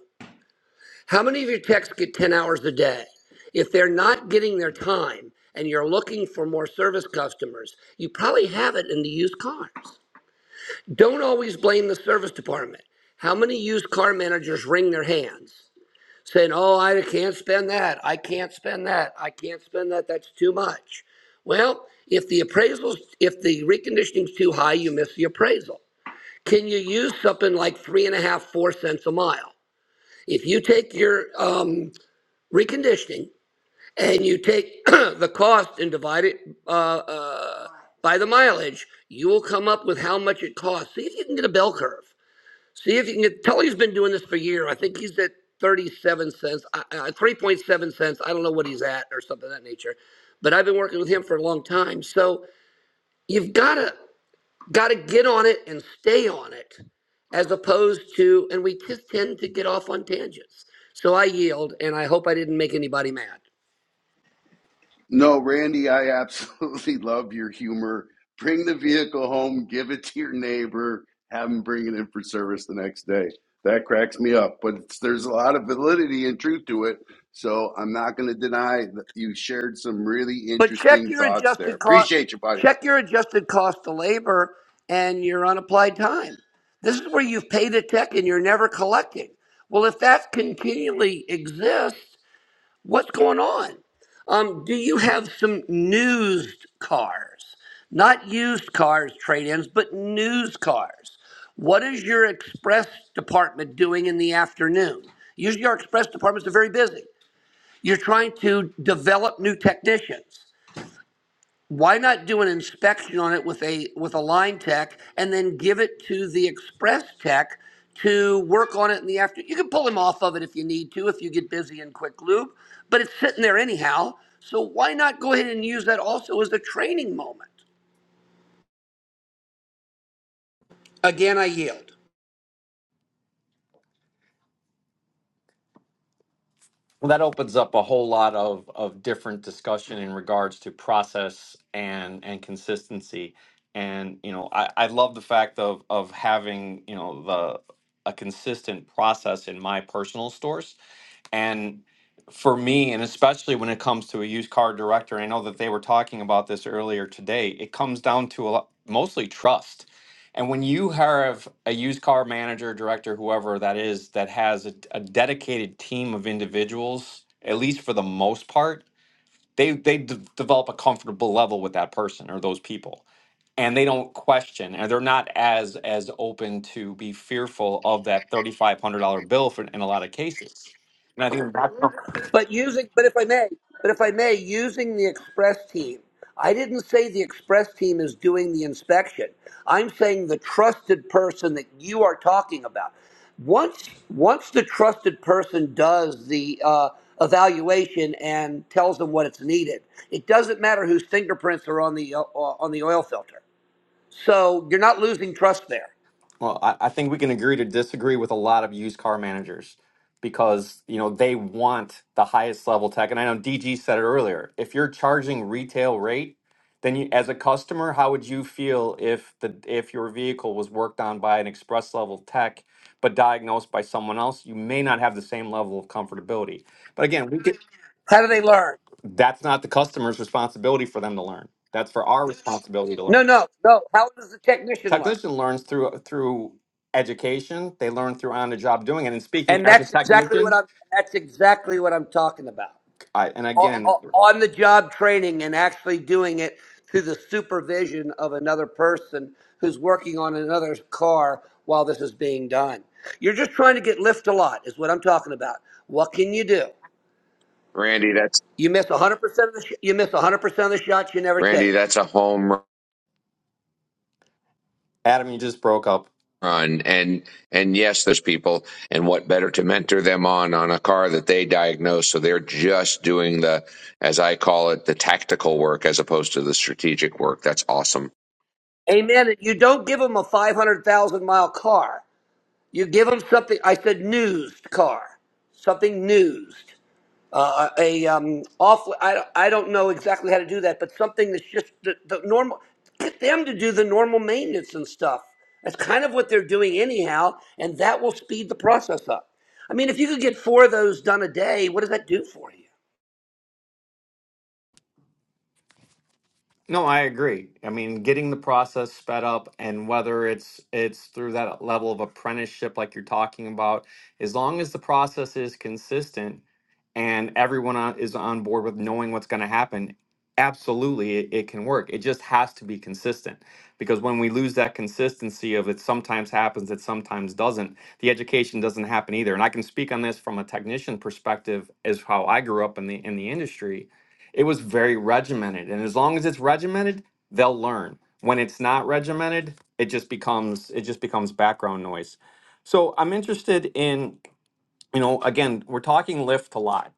K: How many of your techs get 10 hours a day? If they're not getting their time and you're looking for more service customers, you probably have it in the used cars. Don't always blame the service department. How many used car managers wring their hands? saying, "Oh, I can't spend that. I can't spend that. I can't spend that. That's too much." Well, if the appraisals, if the reconditioning's too high, you miss the appraisal. Can you use something like three and a half, four cents a mile? If you take your um, reconditioning and you take the cost and divide it uh, uh, by the mileage, you will come up with how much it costs. See if you can get a bell curve. See if you can get. Tully's been doing this for a year. I think he's at 37 cents, uh, uh, 3.7 cents. I don't know what he's at or something of that nature. But I've been working with him for a long time. So you've got to got to get on it and stay on it, as opposed to. And we just tend to get off on tangents. So I yield, and I hope I didn't make anybody mad.
D: No, Randy, I absolutely love your humor. Bring the vehicle home, give it to your neighbor, have them bring it in for service the next day. That cracks me up, but it's, there's a lot of validity and truth to it. So I'm not going to deny that you shared some really
K: But check
D: interesting
K: your
D: thoughts there.
K: adjusted cost.
D: Appreciate you, buddy.
K: Check your adjusted cost to labor and your unapplied time. This is where you've paid a tech and you're never collecting. Well, if that continually exists, what's going on? Um, do you have some used cars? Not used cars, trade-ins, but news cars. What is your express department doing in the afternoon? Usually, our express departments are very busy. You're trying to develop new technicians why not do an inspection on it with a with a line tech and then give it to the express tech to work on it in the after you can pull him off of it if you need to if you get busy in quick lube but it's sitting there anyhow so why not go ahead and use that also as a training moment again i yield
A: Well, that opens up a whole lot of, of different discussion in regards to process and and consistency. And you know, I, I love the fact of of having, you know, the a consistent process in my personal stores and for me, and especially when it comes to a used car director, I know that they were talking about this earlier today. It comes down to a lot, mostly trust. And when you have a used car manager, director, whoever that is, that has a, a dedicated team of individuals, at least for the most part, they they d- develop a comfortable level with that person or those people and they don't question and they're not as as open to be fearful of that $3500 bill for, in a lot of cases and i think that's
K: But using, but if I may, but if I may, using the express team, I didn't say the express team is doing the inspection. I'm saying the trusted person that you are talking about. Once, once the trusted person does the uh, evaluation and tells them what it's needed, it doesn't matter whose fingerprints are on the uh, uh, on the oil filter. So you're not losing trust there.
A: Well, I, I think we can agree to disagree with a lot of used car managers because you know they want the highest level tech. And I know DG said it earlier. If you're charging retail rate, then you, as a customer, how would you feel if the if your vehicle was worked on by an express level tech but diagnosed by someone else? You may not have the same level of comfortability. But again, we get,
K: How do they learn?
A: that's not the customer's responsibility for them to learn. That's for our responsibility to
K: No,
A: learn
K: no, no. How does the technician learn?
A: technician learns through through education. They learn through on the job doing it. And speaking
K: And
A: as a
K: that's exactly what
A: technician,
K: I'm. That's exactly what I'm talking about.
A: I, and again,
K: On the job training and actually doing it through the supervision of another person who's working on another car while this is being done. You're just trying to get lift a lot, is what I'm talking about. What can you do?
F: Randy. That's
K: You miss 100% of the sh- you miss 100% of the shots you never
F: Randy.
K: take.
F: That's a home. run.
A: Adam, you just broke up.
F: run and and yes there's people and what better to mentor them on on a car that they diagnose so they're just doing the as i call it the tactical work as opposed to the strategic work that's awesome
K: Amen. And You don't give them a 500,000 mile car. You give them something. I said, newsed car, something newsed. uh, a um, off. I, I don't know exactly how to do that, but something that's just the, the normal. Get them to do the normal maintenance and stuff. That's kind of what they're doing anyhow, and that will speed the process up. I mean, if you could get four of those done a day, what does that do for you?
A: No, I agree. I mean, getting the process sped up and whether it's it's through that level of apprenticeship like you're talking about, as long as the process is consistent and everyone on, is on board with knowing what's going to happen, absolutely it, it can work. It just has to be consistent because when we lose that consistency of it sometimes happens, it sometimes doesn't, the education doesn't happen either. And I can speak on this from a technician perspective as how I grew up in the in the industry it was very regimented. And as long as it's regimented, they'll learn. When it's not regimented, it just becomes it just becomes background noise. So I'm interested in, you know, again, we're talking lift a lot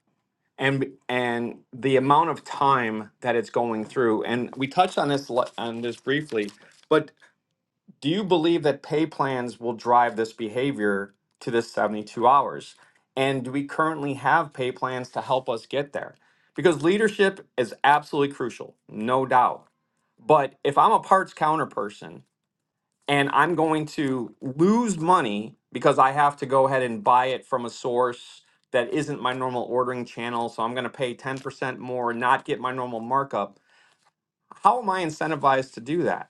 A: and and the amount of time that it's going through. And we touched on this li- on this briefly, but do you believe that pay plans will drive this behavior to this 72 hours? And do we currently have pay plans to help us get there? Because leadership is absolutely crucial, no doubt. But if I'm a parts counter person and I'm going to lose money because I have to go ahead and buy it from a source that isn't my normal ordering channel, so I'm going to pay 10% more, and not get my normal markup, how am I incentivized to do that?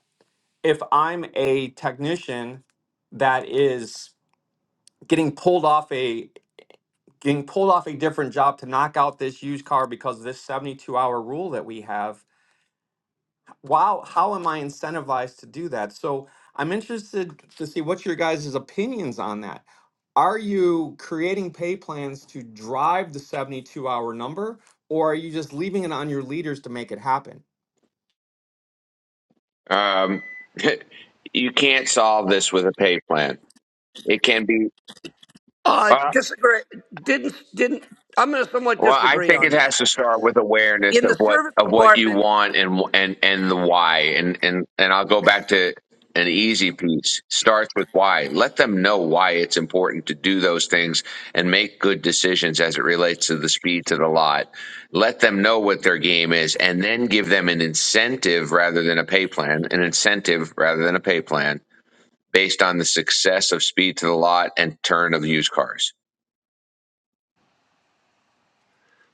A: if I'm a technician that is getting pulled off a getting pulled off a different job to knock out this used car because of this 72 hour rule that we have, wow, how am I incentivized to do that? So I'm interested to see what your guys' opinions on that. Are you creating pay plans to drive the 72 hour number or are you just leaving it on your leaders to make it happen?
F: um you can't solve this with a pay plan it can be
K: Uh, disagree. Didn't didn't. I'm going to somewhat
F: Well, I
K: disagree
F: think it
K: on
F: has
K: that.
F: to start with awareness
K: In
F: of
K: the
F: what
K: service
F: of what you
K: department,
F: want and and and the why. And and and I'll go back to an easy piece. Starts with why. Let them know why it's important to do those things and make good decisions as it relates to the speed to the lot. Let them know what their game is and then give them an incentive rather than a pay plan, an incentive rather than a pay plan based on the success of speed to the lot and turn of used cars.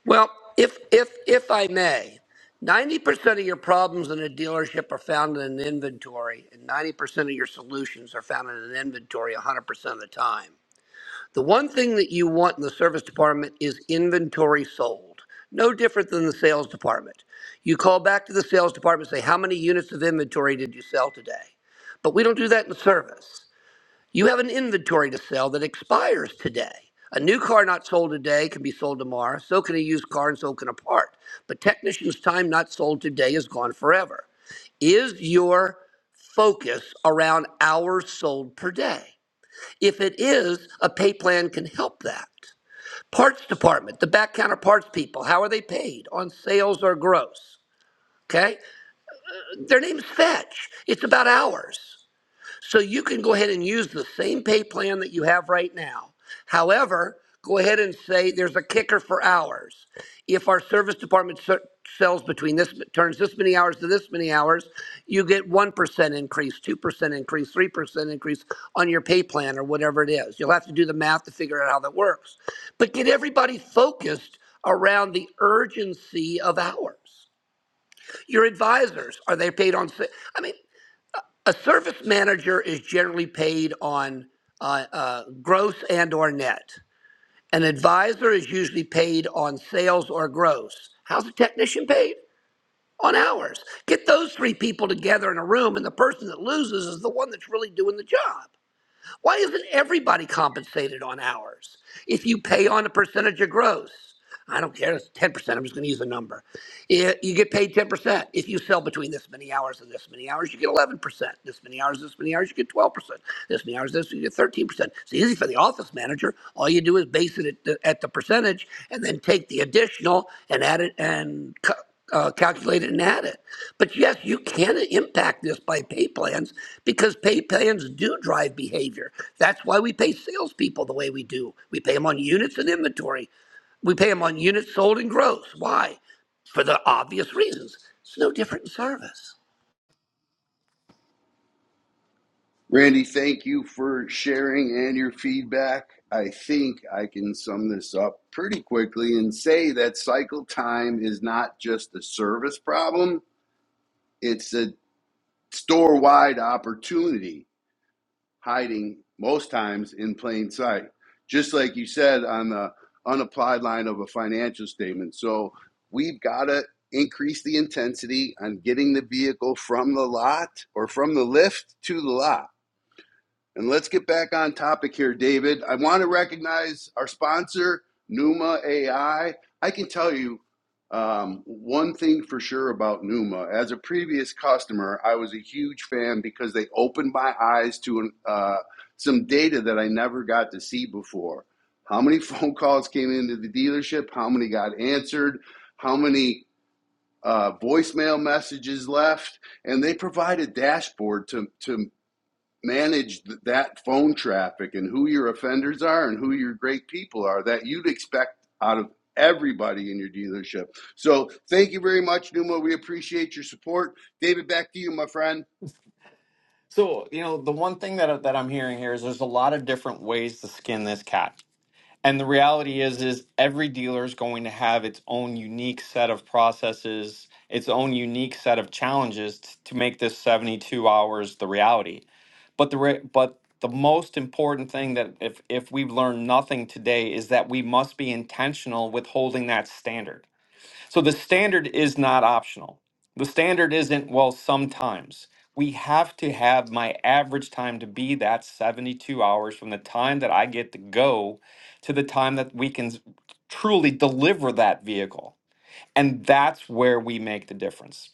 K: Well, if if if I may, ninety percent of your problems in a dealership are found in an inventory, and ninety percent of your solutions are found in an inventory hundred percent of the time. The one thing that you want in the service department is inventory sold. No different than the sales department. You call back to the sales department and say, How many units of inventory did you sell today? But we don't do that in service. You have an inventory to sell that expires today. A new car not sold today can be sold tomorrow. So can a used car and so can a part. But technician's time not sold today is gone forever. Is your focus around hours sold per day? If it is, a pay plan can help that. Parts department, the back counter parts people, how are they paid? On sales or gross? Okay? Their name's Fetch. It's about hours. So you can go ahead and use the same pay plan that you have right now. However, go ahead and say there's a kicker for hours. If our service department ser- sells between this turns this many hours to this many hours, you get 1% increase, 2% increase, 3% increase on your pay plan or whatever it is. You'll have to do the math to figure out how that works. But get everybody focused around the urgency of hours. Your advisors, are they paid on? sa- I mean, a service manager is generally paid on uh, uh, gross and or net. An advisor is usually paid on sales or gross. How's a technician paid? On hours. Get those three people together in a room, and the person that loses is the one that's really doing the job. Why isn't everybody compensated on hours? If you pay on a percentage of gross, I don't care, it's 10%, I'm just going to use a number. I- You get paid 10%. If you sell between this many hours and this many hours, you get 11%. This many hours, this many hours, you get 12%. This many hours, this, you get 13%. It's easy for the office manager. All you do is base it at the, at the percentage and then take the additional and add it and cut uh, calculated and add it, But yes, you can impact this by pay plans because pay plans do drive behavior. That's why we pay salespeople the way we do. We pay them on units and inventory. We pay them on units sold and gross. Why? For the obvious reasons. It's no different in service.
D: Randy, thank you for sharing and your feedback. I think I can sum this up pretty quickly and say that cycle time is not just a service problem, it's a store wide opportunity hiding most times in plain sight. Just like you said on the unapplied line of a financial statement. So we've got to increase the intensity on getting the vehicle from the lot or from the lift to the lot and let's get back on topic here, David. I want to recognize our sponsor, Numa AI. I I can tell you um, one thing for sure about Numa. As a previous customer, I was a huge fan because they opened my eyes to uh, some data that I never got to see before. How many phone calls came into the dealership? How many got answered? How many uh, voicemail messages left? And they provide a dashboard to, to manage th- that phone traffic and who your offenders are and who your great people are that you'd expect out of everybody in your dealership. So thank you very much, Numa. We appreciate your support. David, back to you, my friend.
A: So, you know, the one thing that, I- that I'm hearing here is there's a lot of different ways to skin this cat And the reality is is every dealer is going to have its own unique set of processes, its own unique set of challenges t- to make this 72 hours the reality. But the re- but the most important thing that if if we've learned nothing today is that we must be intentional with holding that standard so the standard is not optional. The standard isn't, well, sometimes. We have to have my average time to be that 72 hours from the time that I get to go to the time that we can s- truly deliver that vehicle. And that's where we make the difference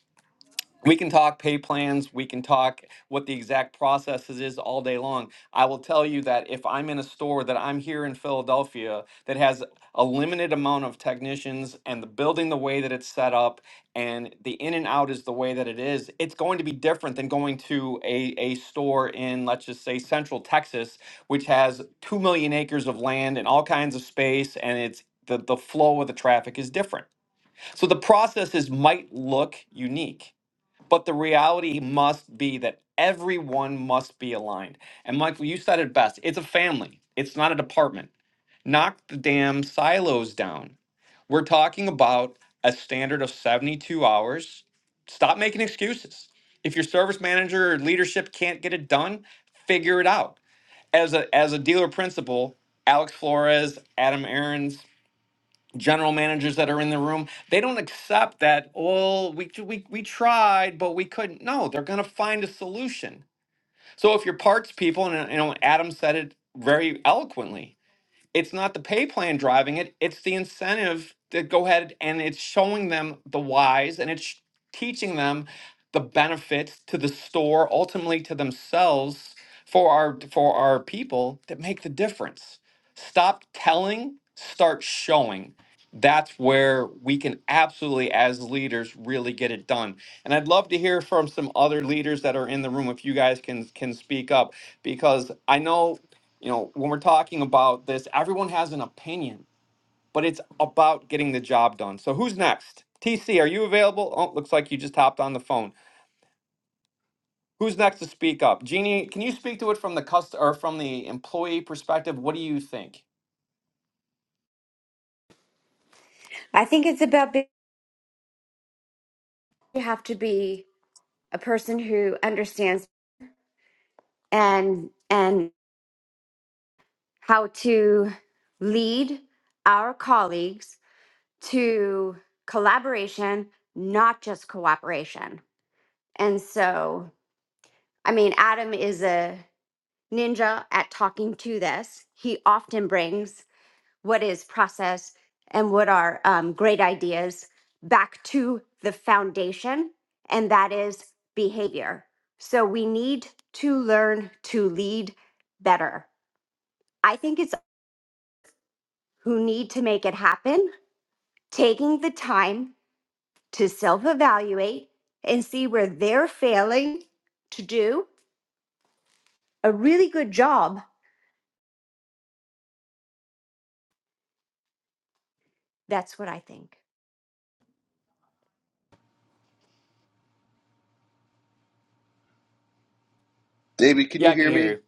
A: we can talk pay plans. We can talk what the exact processes is all day long. I will tell you that if I'm in a store that I'm here in Philadelphia that has a limited amount of technicians and the building the way that it's set up and the in and out is the way that it is, it's going to be different than going to a, a store in, let's just say, central Texas, which has 2 million acres of land and all kinds of space and it's the, the flow of the traffic is different. So the processes might look unique but the reality must be that everyone must be aligned. And Michael, you said it best it's a family, it's not a department. Knock the damn silos down. We're talking about a standard of 72 hours. Stop making excuses. If your service manager or leadership can't get it done, figure it out. As a as a dealer principal, Alex Flores, Adam Aarons, general managers that are in the room they don't accept that Oh, we, we, we tried but we couldn't no they're going to find a solution so if you're parts people and uh, you know adam said it very eloquently it's not the pay plan driving it, it's the incentive to go ahead and it's showing them the whys and it's teaching them the benefits to the store, ultimately to themselves for our for our people that make the difference. Stop telling, start showing. That's where we can absolutely as leaders really get it done. And I'd love to hear from some other leaders that are in the room if you guys can can speak up because I know you know, when we're talking about this, everyone has an opinion, but it's about getting the job done. So who's next? TC, are you available? Oh, looks like you just hopped on the phone. Who's next to speak up? Jeannie, can you speak to it from the cust or from the employee perspective? What do you think?
L: I think it's about being, you have to be a person who understands and and how to lead our colleagues to collaboration, not just cooperation. And so, I mean, Adam is a ninja at talking to this. He often brings what is process and what are um, great ideas back to the foundation, and that is behavior. So we need to learn to lead better. I think it's who need to make it happen, taking the time to self evaluate and see where they're failing to do a really good job. That's what I think.
D: David, can you
A: Yeah, I can
D: hear
A: hear
D: me?
A: you.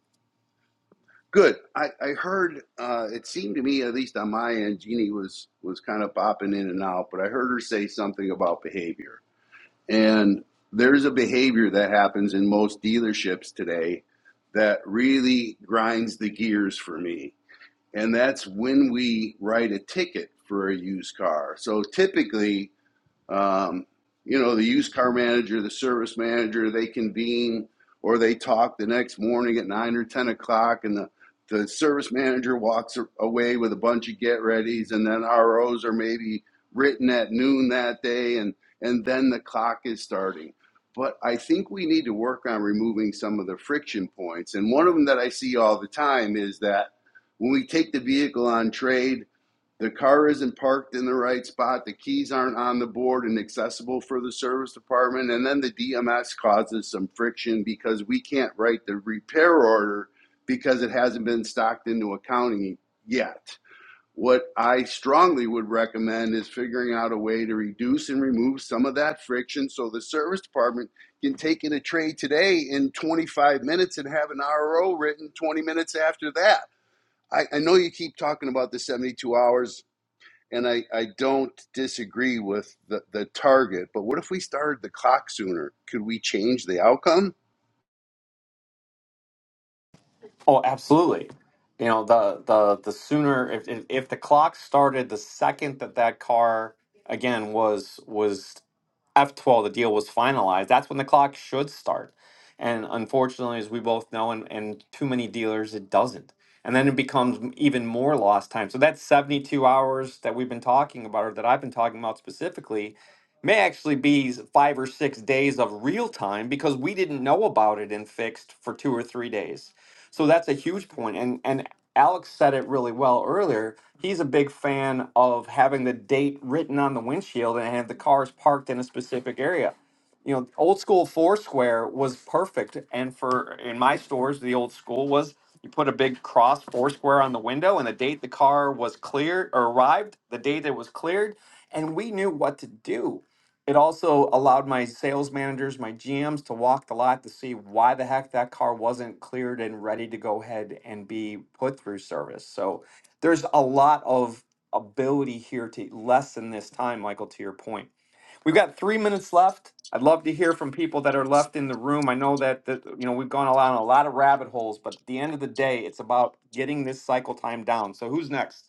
D: Good. I, I heard, uh, it seemed to me, at least on my end, Jeannie was, was kind of popping in and out, but I heard her say something about behavior. And there's a behavior that happens in most dealerships today that really grinds the gears for me. And that's when we write a ticket for a used car. So typically, um, you know, the used car manager, the service manager, they convene or they talk the next morning at nine or ten o'clock, and the the service manager walks away with a bunch of get readies, and then ROs are maybe written at noon that day, and and then the clock is starting. But I think we need to work on removing some of the friction points, and one of them that I see all the time is that when we take the vehicle on trade the car isn't parked in the right spot, the keys aren't on the board and accessible for the service department, and then the DMS causes some friction because we can't write the repair order because it hasn't been stocked into accounting yet. What I strongly would recommend is figuring out a way to reduce and remove some of that friction so the service department can take in a trade today in 25 minutes and have an RO written 20 minutes after that. I, I know you keep talking about the 72 hours and I, I don't disagree with the, the target, but what if we started the clock sooner? Could we change the outcome?
A: Oh, absolutely. You know, the the the sooner if if, if the clock started the second that that car again was was F12 the deal was finalized, that's when the clock should start. And unfortunately, as we both know, and, and too many dealers, it doesn't. And then it becomes m- even more lost time. So that 72 hours that we've been talking about, or that I've been talking about specifically, may actually be s- five or six days of real time because we didn't know about it and fixed for two or three days so that's a huge point. And and Alex said it really well earlier. He's a big fan of having the date written on the windshield and have the cars parked in a specific area. You know, old school Foursquare was perfect. And for in my stores, the old school was you put a big cross Foursquare on the window and the date the car was cleared or arrived, the date it was cleared, and we knew what to do it also allowed my sales managers, my GMs to walk the lot to see why the heck that car wasn't cleared and ready to go ahead and be put through service. So there's a lot of ability here to lessen this time, Michael, to your point. We've got three minutes left. I'd love to hear from people that are left in the room. I know that, that you know we've gone along a lot of rabbit holes, but at the end of the day, it's about getting this cycle time down. So who's next?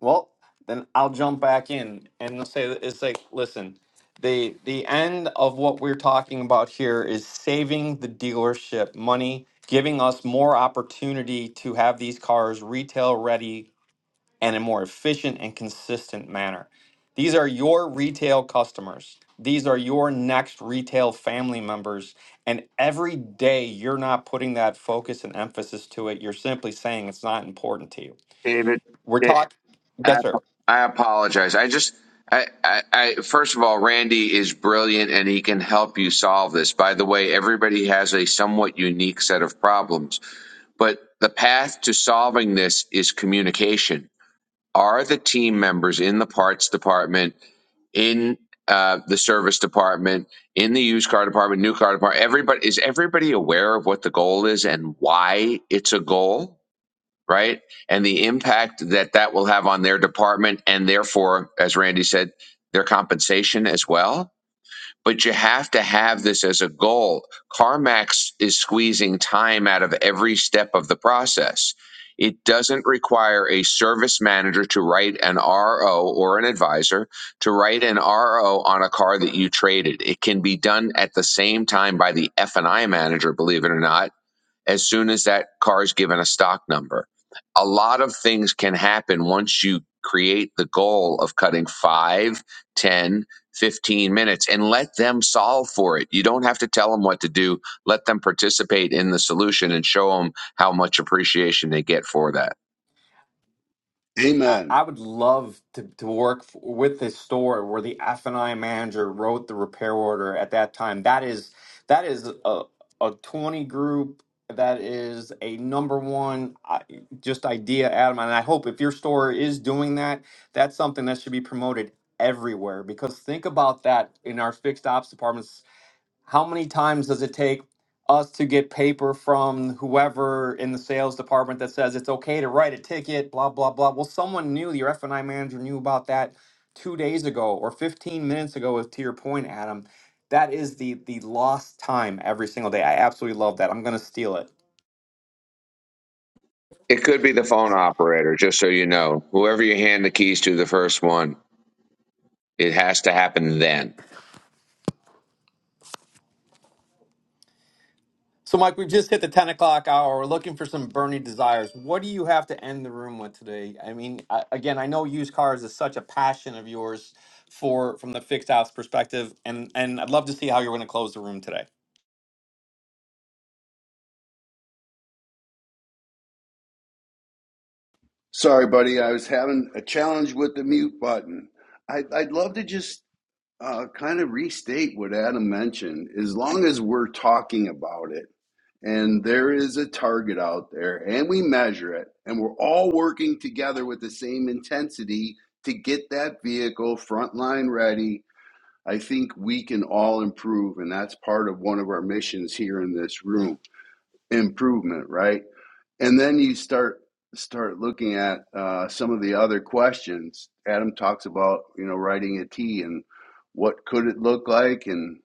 A: Well, then I'll jump back in and say that it's like, listen, the the end of what we're talking about here is saving the dealership money, giving us more opportunity to have these cars retail ready and in a more efficient and consistent manner. These are your retail customers. These are your next retail family members. And every day you're not putting that focus and emphasis to it. You're simply saying it's not important to you.
F: David,
A: We're talking.
F: I,
A: Yes, sir.
F: I apologize. I just, I, I, I, first of all, Randy is brilliant and he can help you solve this. By the way, everybody has a somewhat unique set of problems, but the path to solving this is communication. Are the team members in the parts department, in uh, the service department, in the used car department, new car department, everybody, is everybody aware of what the goal is and why it's a goal? right? And the impact that that will have on their department and therefore, as Randy said, their compensation as well. But you have to have this as a goal. CarMax is squeezing time out of every step of the process. It doesn't require a service manager to write an RO or an advisor to write an RO on a car that you traded. It can be done at the same time by the F&I manager, believe it or not, as soon as that car is given a stock number. A lot of things can happen once you create the goal of cutting five, ten, fifteen minutes and let them solve for it. You don't have to tell them what to do. Let them participate in the solution and show them how much appreciation they get for that.
A: I
D: Amen.
A: I would love to, to work f with this store where the F&I manager wrote the repair order at that time. That is that is a, a 20 group. That is a number one uh, just idea, Adam. And I hope if your store is doing that, that's something that should be promoted everywhere. Because think about that in our fixed ops departments how many times does it take us to get paper from whoever in the sales department that says it's okay to write a ticket, blah, blah, blah? Well, someone knew, your F&I manager knew about that two days ago or 15 minutes ago, is to your point, Adam. That is the the lost time every single day. I absolutely love that. I'm gonna steal it.
F: It could be the phone operator, just so you know. Whoever you hand the keys to, the first one, it has to happen then
A: So, Mike, we've just hit the 10 o'clock hour. We're looking for some Bernie desires. What do you have to end the room with today? I mean, I, again, I know used cars is such a passion of yours for from the fixed ops perspective, and, and I'd love to see how you're going to close the room today.
D: Sorry, buddy, I was having a challenge with the mute button. I, I'd love to just uh, kind of restate what Adam mentioned. As long as we're talking about it, and there is a target out there, and we measure it, and we're all working together with the same intensity to get that vehicle frontline ready I think we can all improve, and that's part of one of our missions here in this room: improvement, right? And then you start start looking at uh, some of the other questions. Adam talks about you know writing a T and what could it look like, and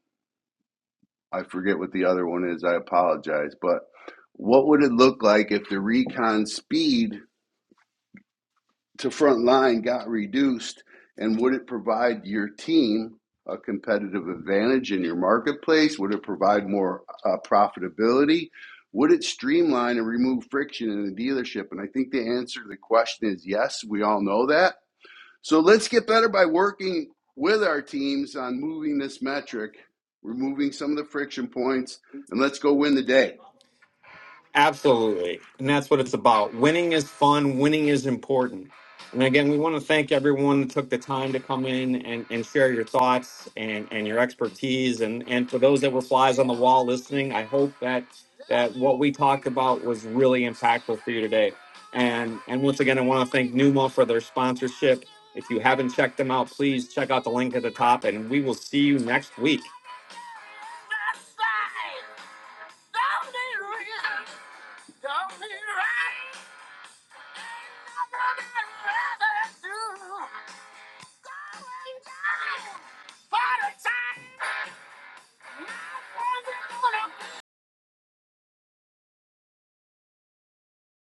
D: I forget what the other one is. I apologize, but what would it look like if the recon speed to front line got reduced, and would it provide your team a competitive advantage in your marketplace? Would it provide more uh, profitability? Would it streamline and remove friction in the dealership? And I think the answer to the question is yes, we all know that. So let's get better by working with our teams on moving this metric, removing some of the friction points, and let's go win the day.
A: Absolutely. And that's what it's about. Winning is fun, winning is important. And again, we want to thank everyone that took the time to come in and, and share your thoughts and, and your expertise. And, and for those that were flies on the wall listening, I hope that that what we talked about was really impactful for you today. And and once again, I want to thank Numa for their sponsorship. If you haven't checked them out, please check out the link at the top, and we will see you next week. Don't be right. Ain't nobody rather do. Go and die. For the time. Not one minute.